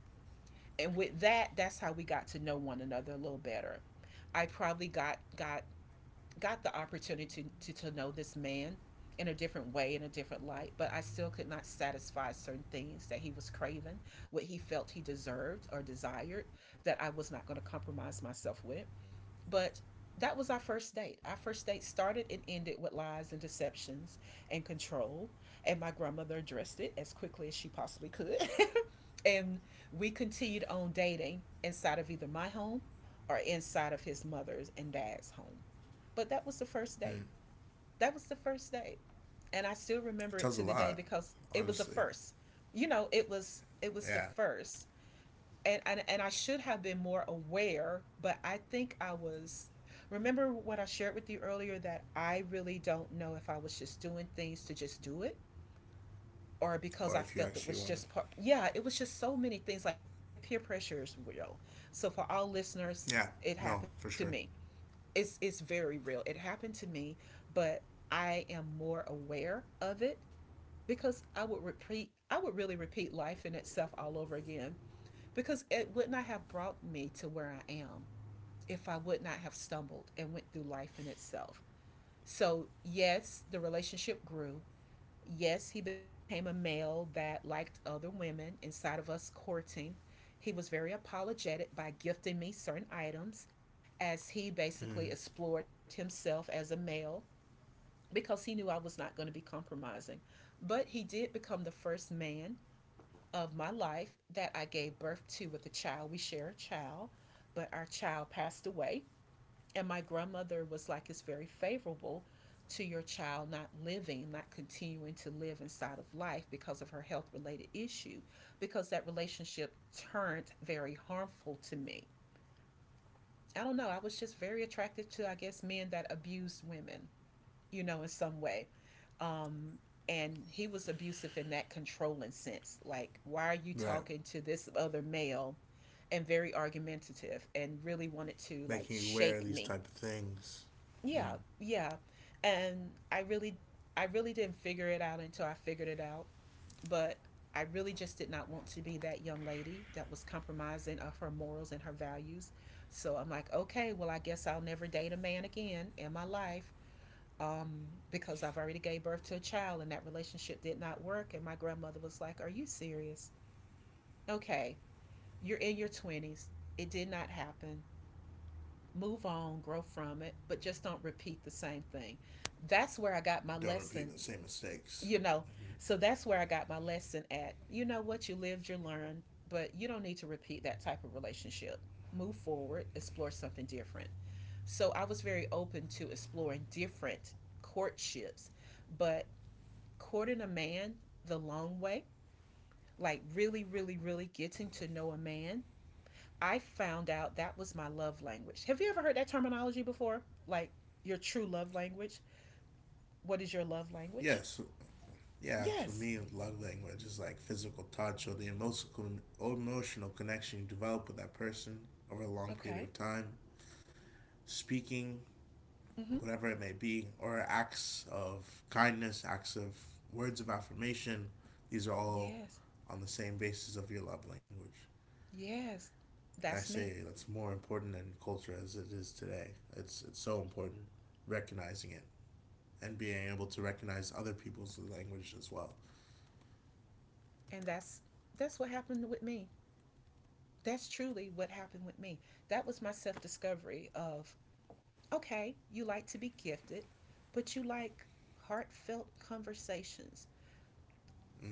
[SPEAKER 1] And with that, that's how we got to know one another a little better. I probably got the opportunity to know this man in a different way, in a different light, but I still could not satisfy certain things that he was craving, what he felt he deserved or desired, that I was not going to compromise myself with. But that was our first date. Our first date started and ended with lies and deceptions and control. And my grandmother addressed it as quickly as she possibly could. And we continued on dating inside of either my home or inside of his mother's and dad's home. But that was the
[SPEAKER 2] Mm.
[SPEAKER 1] first
[SPEAKER 2] It
[SPEAKER 1] date. That was the first date. And I still
[SPEAKER 2] tells
[SPEAKER 1] remember
[SPEAKER 2] a
[SPEAKER 1] it to the
[SPEAKER 2] lot,
[SPEAKER 1] day because it
[SPEAKER 2] honestly.
[SPEAKER 1] was a first. It was the
[SPEAKER 2] Yeah.
[SPEAKER 1] first. And I should have been more aware, but I think I was, remember what I shared with you earlier, that I really don't know if I was just doing things to just do it, or
[SPEAKER 2] Or
[SPEAKER 1] because I
[SPEAKER 2] if you
[SPEAKER 1] felt it
[SPEAKER 2] actually
[SPEAKER 1] was
[SPEAKER 2] want to.
[SPEAKER 1] just part yeah, it was just so many things, like that peer pressure is real. So for all listeners,
[SPEAKER 2] Yeah.
[SPEAKER 1] it
[SPEAKER 2] No, for
[SPEAKER 1] happened to
[SPEAKER 2] sure.
[SPEAKER 1] me. It's very real. It happened to me, but I am more aware of it because I would really repeat life in itself all over again, because it would not have brought me to where I am if I would not have stumbled and went through life in itself. So, yes, the relationship grew. Yes, he became a male that liked other women inside of us courting. He was very apologetic by gifting me certain items as he
[SPEAKER 2] Mm.
[SPEAKER 1] basically explored himself as a male because he knew I was not going to be compromising. But he did become the first man of my life that I gave birth to with a child. We share a child, but our child passed away. And my grandmother was like, it's very favorable to your child not living, not continuing to live inside of life because of her health related issue, because that relationship turned very harmful to me. I don't know. I was just very attracted to, I guess, men that abused women in some way. Um, and he was abusive in that controlling sense. Like, why are you
[SPEAKER 2] Right.
[SPEAKER 1] talking to this other male? And very argumentative and really wanted
[SPEAKER 2] Making
[SPEAKER 1] to
[SPEAKER 2] you
[SPEAKER 1] like
[SPEAKER 2] aware of these
[SPEAKER 1] shake
[SPEAKER 2] type of
[SPEAKER 1] me.
[SPEAKER 2] things. Mm.
[SPEAKER 1] Yeah, yeah. And I really didn't figure it out until I figured it out. But I really just did not want to be that young lady that was compromising of her morals and her values. So I'm like, okay, well, I guess I'll never date a man again in my life because I've already gave birth to a child and that relationship did not work. And my grandmother was like, are you serious? Okay, you're in your 20s. It did not happen. Move on, grow from it, but just don't repeat the same thing. That's where I got my
[SPEAKER 2] Don't repeat
[SPEAKER 1] lesson,
[SPEAKER 2] the same mistakes.
[SPEAKER 1] you know. So that's where I got my lesson at. You know what? You lived, you learned, but you don't need to repeat that type of relationship. Move forward, explore something different. So I was very open to exploring different courtships, but courting a man the long way, like really, really, really getting to know a man, I found out that was my love language. Have you ever heard that terminology before? Like your true love language? What is your love language?
[SPEAKER 2] Yes, yeah. For
[SPEAKER 1] Yes.
[SPEAKER 2] me, love language is like physical touch or the emotional connection you develop with that person over a long period of
[SPEAKER 1] Okay.
[SPEAKER 2] time. Speaking,
[SPEAKER 1] Mm-hmm.
[SPEAKER 2] whatever it may be, or acts of kindness, acts of words of affirmation. These are all
[SPEAKER 1] Yes.
[SPEAKER 2] on the same basis of your love language.
[SPEAKER 1] Yes.
[SPEAKER 2] And I
[SPEAKER 1] That's me.
[SPEAKER 2] say that's more important in culture as it is today. It's so important recognizing it and being able to recognize other people's language as well.
[SPEAKER 1] And that's what happened with me. That's truly what happened with me. That was my self-discovery of okay, you like to be gifted, but you like heartfelt conversations.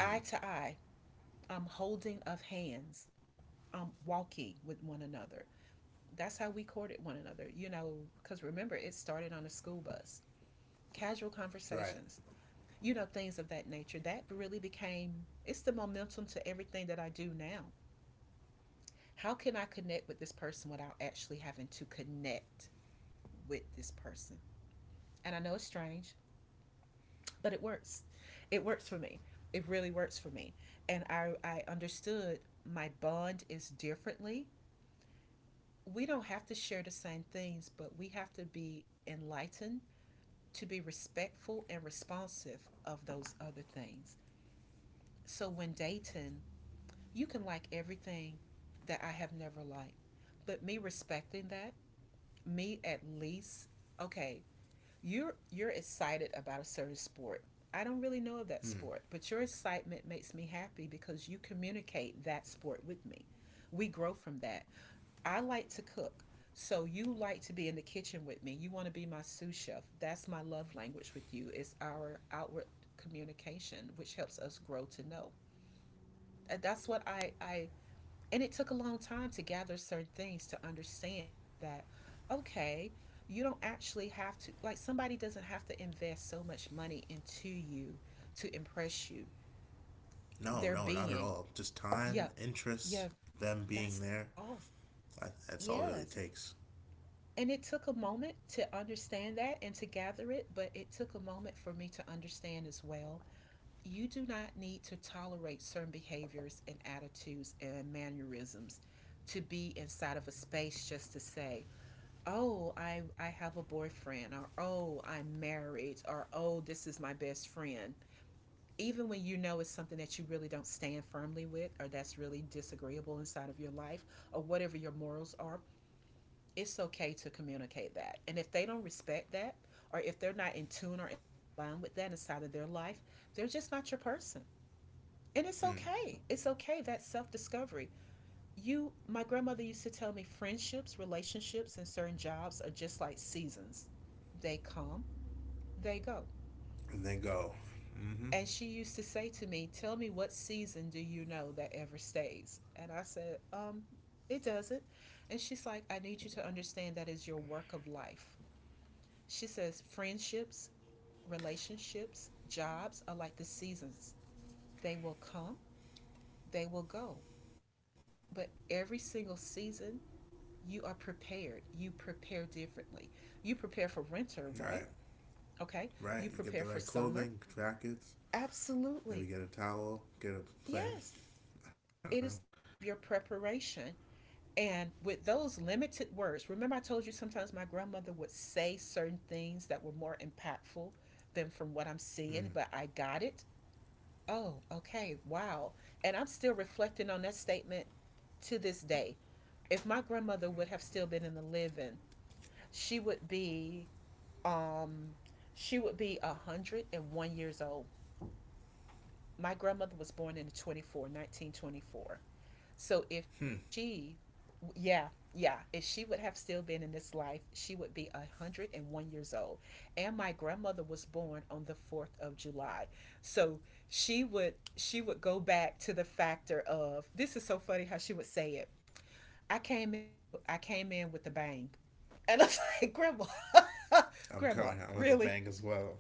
[SPEAKER 1] Eye to eye, holding of hands, walking with one another. That's how we courted one another, you know, because remember, it started on a school bus, casual
[SPEAKER 2] right.
[SPEAKER 1] conversations, you know, things of that nature. That really became, it's the momentum to everything that I do now. How can I connect with this person without actually having to connect with this person? And I know it's strange, but it works. It works for me. It really works for me. And I understood my bond is differently. We don't have to share the same things, but we have to be enlightened to be respectful and responsive of those other things. So when dating, you can like everything that I have never liked, but me respecting that, me at least, okay, you're excited about a certain sport. I don't really know of that sport,
[SPEAKER 2] Mm.
[SPEAKER 1] but your excitement makes me happy because you communicate that sport with me. We grow from that. I like to cook. So you like to be in the kitchen with me. You want to be my sous chef. That's my love language with you. It's our outward communication, which helps us grow to know. And That's what I and it took a long time to gather certain things to understand that okay, you don't actually have to like somebody doesn't have to invest so much money into you to impress you.
[SPEAKER 2] No,
[SPEAKER 1] Their
[SPEAKER 2] no, not at
[SPEAKER 1] being.
[SPEAKER 2] all. Just
[SPEAKER 1] Yeah.
[SPEAKER 2] time, interest,
[SPEAKER 1] Yeah,
[SPEAKER 2] them being
[SPEAKER 1] that's
[SPEAKER 2] there.
[SPEAKER 1] all.
[SPEAKER 2] That's all it
[SPEAKER 1] Yes.
[SPEAKER 2] really takes.
[SPEAKER 1] And it took a moment to understand that and to gather it, but it took a moment for me to understand as well. You do not need to tolerate certain behaviors and attitudes and mannerisms to be inside of a space just to say, oh, I have a boyfriend, or oh, I'm married, or oh, this is my best friend. Even when you know it's something that you really don't stand firmly with, or that's really disagreeable inside of your life, or whatever your morals are, it's okay to communicate that. And if they don't respect that, or if they're not in tune or in line with that inside of their life, they're just not your person. And it's
[SPEAKER 2] Mm.
[SPEAKER 1] okay. It's okay. That's self discovery. You, my grandmother used to tell me friendships, relationships, and certain jobs are just like seasons. They come, they go.
[SPEAKER 2] And then go. Mm-hmm.
[SPEAKER 1] And she used to say to me, tell me what season do you know that ever stays? And I said, it doesn't. And she's like, I need you to understand that is your work of life. She says friendships, relationships, jobs are like the seasons. They will come, they will go. But every single season, you are prepared. You prepare differently. You prepare for winter, right?
[SPEAKER 2] Right,
[SPEAKER 1] Okay. You
[SPEAKER 2] right. You
[SPEAKER 1] prepare
[SPEAKER 2] get
[SPEAKER 1] for
[SPEAKER 2] the right
[SPEAKER 1] summer.
[SPEAKER 2] clothing, jackets.
[SPEAKER 1] Absolutely.
[SPEAKER 2] Maybe get a towel. Get a
[SPEAKER 1] Yes.
[SPEAKER 2] plan. I don't
[SPEAKER 1] It
[SPEAKER 2] know.
[SPEAKER 1] is of your preparation. And with those limited words, remember I told you sometimes my grandmother would say certain things that were more impactful than from what I'm seeing,
[SPEAKER 2] Mm.
[SPEAKER 1] but I got it. Oh, okay. Wow. And I'm still reflecting on that statement to this day. If my grandmother would have still been in the living, she would be um she would be 101 years old. My grandmother was born in 1924. So if
[SPEAKER 2] Hmm.
[SPEAKER 1] she, yeah, yeah, if she would have still been in this life, she would be 101 years old. And my grandmother was born on the 4th of July. So she would go back to the factor of this is so funny how she would say it. I came in with a bang. And I was like, "Grandma,
[SPEAKER 2] I'm going
[SPEAKER 1] grandma,
[SPEAKER 2] out with a bang
[SPEAKER 1] really?
[SPEAKER 2] as well.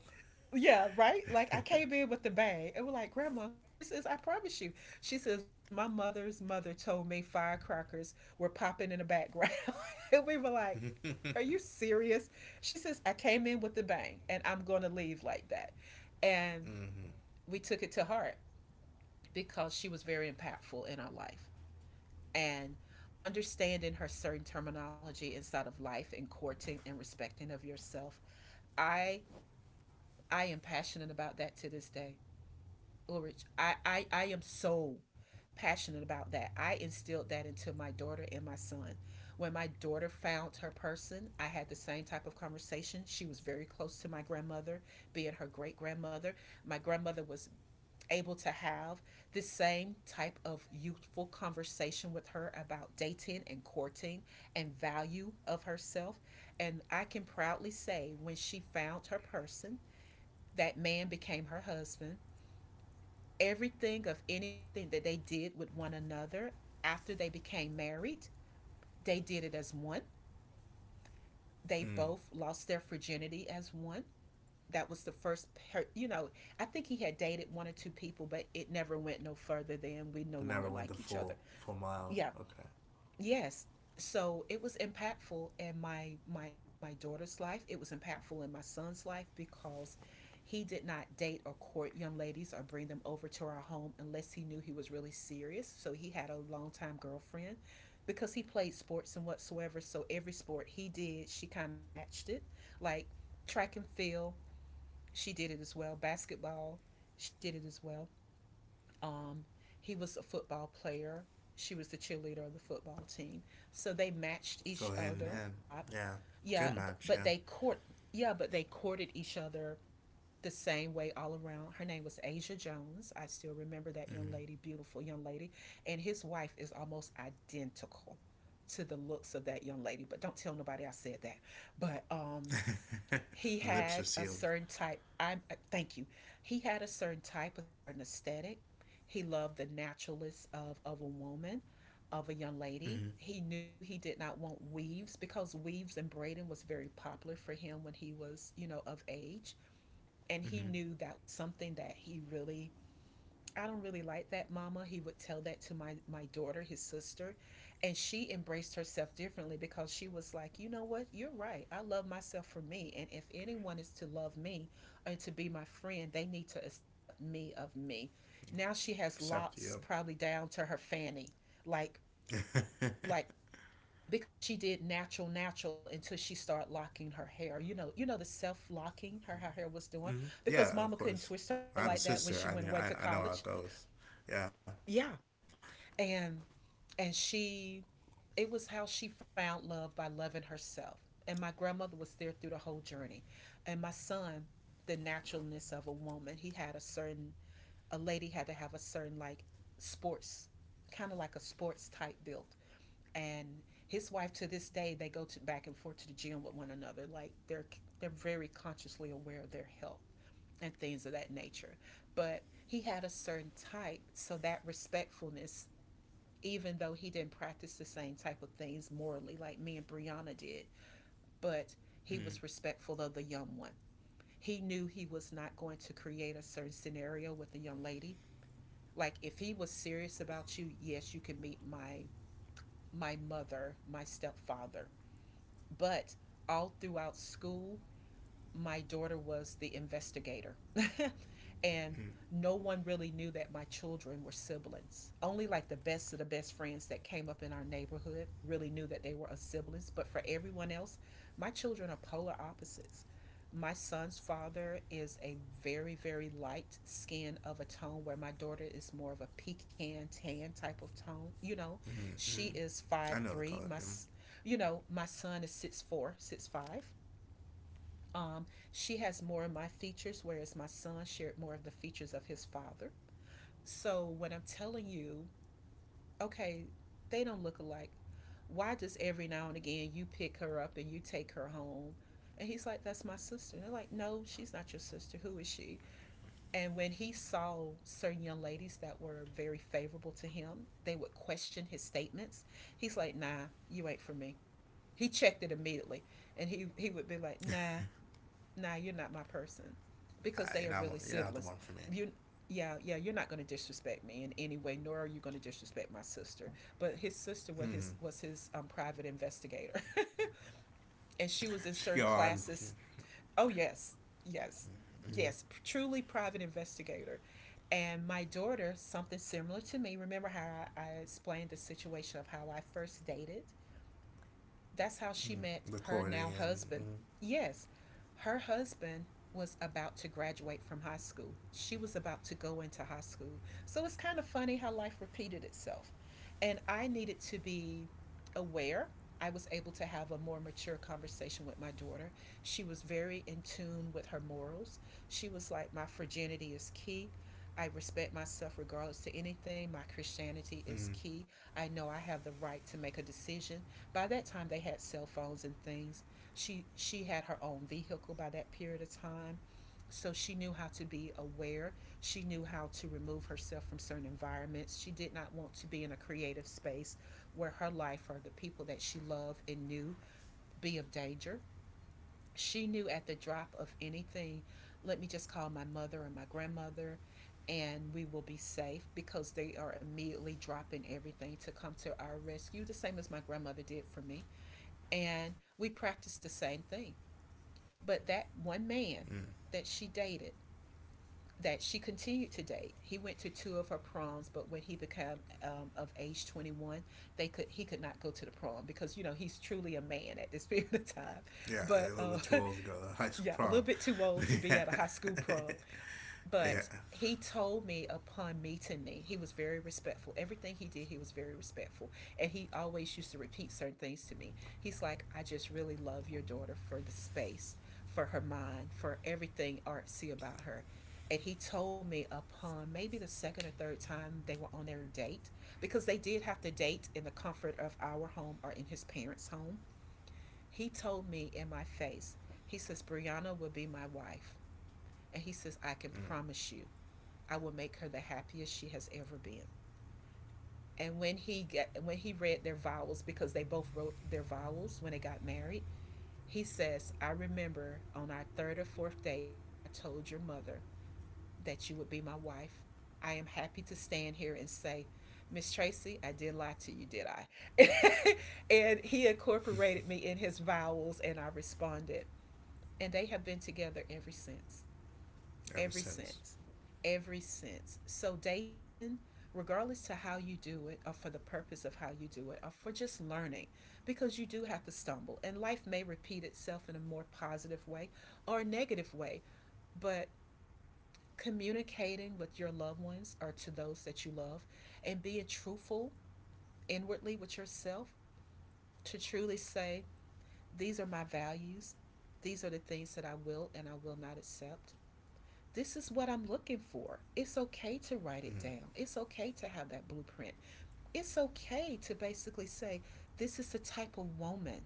[SPEAKER 1] Yeah, right? Like I came in with the bag." And we're like, "Grandma," she says, "I promise you." She says, "My mother's mother told me firecrackers were popping in the background." And we were like, "Are you
[SPEAKER 2] Mm-hmm.
[SPEAKER 1] serious?" She says, "I came in with the bang and I'm gonna leave like that." And we took it to heart because she was very impactful in our life. And understanding her certain terminology inside of life and courting and respecting of yourself, I I am passionate about that to this day. Ulrich, I am so passionate about that. I instilled that into my daughter and my son. When my daughter found her person, I had the same type of conversation. She was very close to my grandmother, being her great grandmother. My grandmother was able to have the same type of youthful conversation with her about dating and courting and value of herself. And I can proudly say, when she found her person, that man became her husband. Everything of anything that they did with one another after they became married, they did it as one.
[SPEAKER 2] Mm.
[SPEAKER 1] They both lost their virginity as one. That was the first, you know, I think he had dated one or two people, but it never went no further than we
[SPEAKER 2] But
[SPEAKER 1] no
[SPEAKER 2] never
[SPEAKER 1] longer
[SPEAKER 2] went the
[SPEAKER 1] like each other.
[SPEAKER 2] full mile.
[SPEAKER 1] Yeah,
[SPEAKER 2] Okay.
[SPEAKER 1] yes, so it was impactful in my my daughter's life. It was impactful in my son's life because he did not date or court young ladies or bring them over to our home unless he knew he was really serious. So he had a longtime girlfriend because he played sports and whatsoever. So every sport he did, she kind of matched it, like track and field, she did it as well, basketball, she did it as well, um, he was a football player. She was the cheerleader of the football team. So they matched each
[SPEAKER 2] Go
[SPEAKER 1] other a
[SPEAKER 2] hand in
[SPEAKER 1] lot.
[SPEAKER 2] hand. Yeah.
[SPEAKER 1] Yeah,
[SPEAKER 2] Good
[SPEAKER 1] but they
[SPEAKER 2] match. Yeah.
[SPEAKER 1] court. Yeah, but they courted each other the same way all around. Her name was Asia Jones. I still remember that young lady,
[SPEAKER 2] Mm.
[SPEAKER 1] beautiful young lady, and his wife is almost identical to the looks of that young lady. But don't tell nobody I said that. But he had
[SPEAKER 2] Lips are
[SPEAKER 1] a
[SPEAKER 2] sealed.
[SPEAKER 1] certain type. I'm Thank you. He had a certain type, a certain aesthetic. He loved the naturalness of a woman, of a young lady.
[SPEAKER 2] Mm-hmm.
[SPEAKER 1] He knew he did not want weaves because weaves and braiding was very popular for him when he was, you know, of age. And he knew
[SPEAKER 2] Mm-hmm.
[SPEAKER 1] that was something that he really, "I don't really like that, mama." He would tell that to my, my daughter, his sister. And she embraced herself differently because she was like, you know what? You're right. I love myself for me. And if anyone is to love me and to be my friend, they need to accept me of me. Now she has locks
[SPEAKER 2] Except
[SPEAKER 1] probably
[SPEAKER 2] you.
[SPEAKER 1] down to her fanny. Like, like, because she did natural natural until she started locking her hair the self locking her hair was doing because
[SPEAKER 2] Mm-hmm.
[SPEAKER 1] mama couldn't
[SPEAKER 2] Yeah,
[SPEAKER 1] twist
[SPEAKER 2] of
[SPEAKER 1] her hair
[SPEAKER 2] course.
[SPEAKER 1] like that when
[SPEAKER 2] I
[SPEAKER 1] she
[SPEAKER 2] have a
[SPEAKER 1] went away to
[SPEAKER 2] sister. I mean,
[SPEAKER 1] college.
[SPEAKER 2] I know how it goes. Yeah.
[SPEAKER 1] Yeah. And and she it was how she found love by loving herself, and my grandmother was there through the whole journey. And my son, the naturalness of a woman, he had a certain, a lady had to have a certain, like, sports, kind of like a sports type built. And his wife to this day, they go to back and forth to the gym with one another, like they're very consciously aware of their health and things of that nature. But he had a certain type, so that respectfulness, even though he didn't practice the same type of things morally like me and Brianna did. But
[SPEAKER 2] Mm-hmm.
[SPEAKER 1] he was respectful of the young one. He knew he was not going to create a certain scenario with the young lady. Like, if he was serious about you, yes, you can meet my mother, my stepfather. But all throughout school, my daughter was the investigator. And no one really knew that my children were siblings. Only like the best of the best friends that came up in our neighborhood really knew that they were a siblings. But for everyone else, my children are polar opposites. My son's father is a very, very light skin of a tone, where my daughter is more of a pecan tan type of tone. You know,
[SPEAKER 2] Mm-hmm.
[SPEAKER 1] she is five
[SPEAKER 2] Mm-hmm. I know the
[SPEAKER 1] three. My,
[SPEAKER 2] color. Mm.
[SPEAKER 1] you know, my son is 6'4", 6'5". um, she has more of my features, whereas my son shared more of the features of his father. So when I'm telling you, okay, they don't look alike, why does every now and again you pick her up and you take her home? And he's like, "That's my sister." And they're like, "No, she's not your sister. Who is she?" And when he saw certain young ladies that were very favorable to him, they would question his statements. He's like, "Nah, you ain't for me." He checked it immediately. And he would be like, "Nah, nah, you're not my person
[SPEAKER 2] I,
[SPEAKER 1] because they are really
[SPEAKER 2] you're not the one
[SPEAKER 1] siblings.
[SPEAKER 2] for me.
[SPEAKER 1] You yeah, you're not going to disrespect me in any way, nor are you going to disrespect my sister." But his sister was his
[SPEAKER 2] Mm.
[SPEAKER 1] was his private investigator. And she was in
[SPEAKER 2] She
[SPEAKER 1] certain
[SPEAKER 2] on
[SPEAKER 1] classes. Oh, yes, yes,
[SPEAKER 2] mm,
[SPEAKER 1] yes, truly private investigator. And my daughter, something similar to me. Remember how I explained the situation of how I first dated, that's how she
[SPEAKER 2] mm,
[SPEAKER 1] met her
[SPEAKER 2] recording and
[SPEAKER 1] now husband. Yes, her husband was about to graduate from high school. She was about to go into high school. So it's kind of funny how life repeated itself. And I needed to be aware. I was able to have a more mature conversation with my daughter. She was very in tune with her morals. She was like, "My virginity is key. I respect myself regardless to anything. My Christianity is
[SPEAKER 2] mm,
[SPEAKER 1] key.
[SPEAKER 2] mm,
[SPEAKER 1] I know I have the right to make a decision." By that time, they had cell phones and things. She had her own vehicle by that period of time, so she knew how to be aware. She knew how to remove herself from certain environments. She did not want to be in a creative space where her life or the people that she loved and knew be of danger. She knew at the drop of anything, let me just call my mother or my grandmother, and we will be safe because they are immediately dropping everything to come to our rescue, the same as my grandmother did for me. And we practiced the same thing. But that one man
[SPEAKER 2] mm.
[SPEAKER 1] that she dated, that she continued to date, he went to two of her proms. But when he became, of age 21, they could he could not go to the prom because, you know, he's truly a man at this period of time.
[SPEAKER 2] Yeah, a
[SPEAKER 1] But
[SPEAKER 2] little bit too old to go to high school
[SPEAKER 1] yeah, a
[SPEAKER 2] prom.
[SPEAKER 1] little bit too old to be
[SPEAKER 2] Yeah.
[SPEAKER 1] at a high school prom. But
[SPEAKER 2] Yeah.
[SPEAKER 1] he told me upon meeting me, he was very respectful. Everything he did, he was very respectful. And he always used to repeat certain things to me. He's like, "I just really love your daughter for the space, for her mind, for everything artsy about her." And he told me upon maybe the second or third time they were on their date, because they did have to date in the comfort of our home or in his parents' home. He told me in my face, he says, "Brianna will be my wife." And he says, "I can
[SPEAKER 2] Mm.
[SPEAKER 1] promise you I will make her the happiest she has ever been." And when he when he read their vows, because they both wrote their vows when they got married, he says, "I remember on our third or fourth date when I told your mother that you would be my wife. I am happy to stand here and say, Miss Tracy, I did lie to you, did I?" And he incorporated me in his vows, and I responded. And they have been together ever since.
[SPEAKER 2] Ever
[SPEAKER 1] Every
[SPEAKER 2] since.
[SPEAKER 1] sense, every sense. So, Dayton, regardless to how you do it, or for the purpose of how you do it, or for just learning, because you do have to stumble, and life may repeat itself in a more positive way or a negative way, but communicating with your loved ones or to those that you love, and being truthful inwardly with yourself, to truly say, these are my values, these are the things that I will and I will not accept, this is what I'm looking for. It's okay to write it down.
[SPEAKER 2] Mm.
[SPEAKER 1] It's okay to have that blueprint. It's okay to basically say, this is the type of woman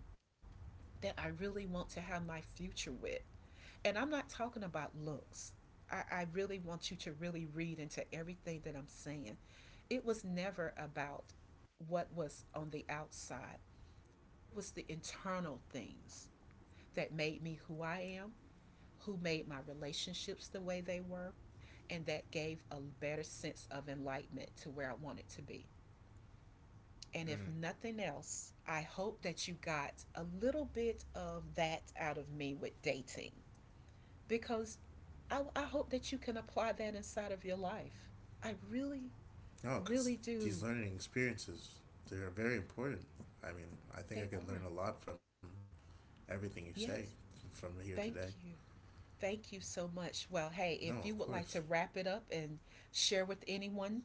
[SPEAKER 1] that I really want to have my future with. And I'm not talking about looks. I really want you to really read into everything that I'm saying. It was never about what was on the outside, it was the internal things that made me who I am, who made my relationships the way they were. And that gave a better sense of enlightenment to where I wanted to be.
[SPEAKER 2] Mm.
[SPEAKER 1] And if nothing else, I hope that you got a little bit of that out of me with dating, because I hope that you can apply that inside of your life. I really,
[SPEAKER 2] No, because
[SPEAKER 1] really
[SPEAKER 2] these
[SPEAKER 1] do.
[SPEAKER 2] learning experiences, they're very important. I mean, I think I
[SPEAKER 1] They
[SPEAKER 2] could learn a
[SPEAKER 1] are.
[SPEAKER 2] lot from everything you say
[SPEAKER 1] Yes.
[SPEAKER 2] from here today.
[SPEAKER 1] Thank you. Thank you so much. Well, hey,
[SPEAKER 2] No,
[SPEAKER 1] if
[SPEAKER 2] of
[SPEAKER 1] you would like
[SPEAKER 2] course.
[SPEAKER 1] to wrap it up and share with anyone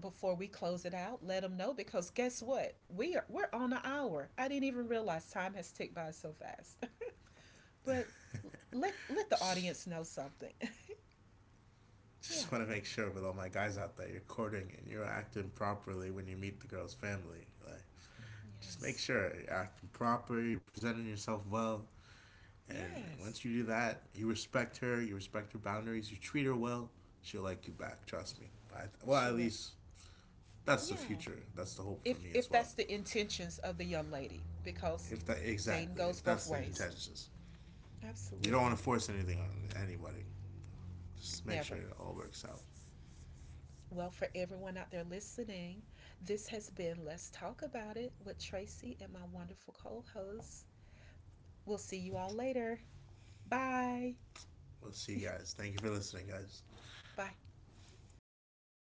[SPEAKER 1] before we close it out, let them know, because guess what? We're on an hour. I didn't even realize time has ticked by so fast. But let
[SPEAKER 2] Just,
[SPEAKER 1] let the audience know something.
[SPEAKER 2] just want to
[SPEAKER 1] Yeah.
[SPEAKER 2] make sure with all my guys out there, you're courting and you're acting properly when you meet the girl's family. Like, just make
[SPEAKER 1] Yes.
[SPEAKER 2] sure you're acting proper, you're presenting yourself well. And once you do
[SPEAKER 1] Yes.
[SPEAKER 2] that, you respect her boundaries, you treat her well, she'll like you back. Trust me. I, well,
[SPEAKER 1] She
[SPEAKER 2] at
[SPEAKER 1] will.
[SPEAKER 2] least that's the
[SPEAKER 1] Yeah.
[SPEAKER 2] future. That's the hope for
[SPEAKER 1] If
[SPEAKER 2] me as well.
[SPEAKER 1] that's the intentions of the young lady, because
[SPEAKER 2] If that
[SPEAKER 1] dating
[SPEAKER 2] exactly,
[SPEAKER 1] goes
[SPEAKER 2] if
[SPEAKER 1] both
[SPEAKER 2] that's the
[SPEAKER 1] ways.
[SPEAKER 2] intentions, you don't want
[SPEAKER 1] Absolutely.
[SPEAKER 2] to force anything on anybody. Just
[SPEAKER 1] Never.
[SPEAKER 2] make sure it all works out.
[SPEAKER 1] Well, for everyone out there listening, this has been Let's Talk About It with Tracy and my wonderful co host. We'll see you all later. Bye.
[SPEAKER 2] We'll see you guys. Thank you for listening, guys.
[SPEAKER 1] Bye.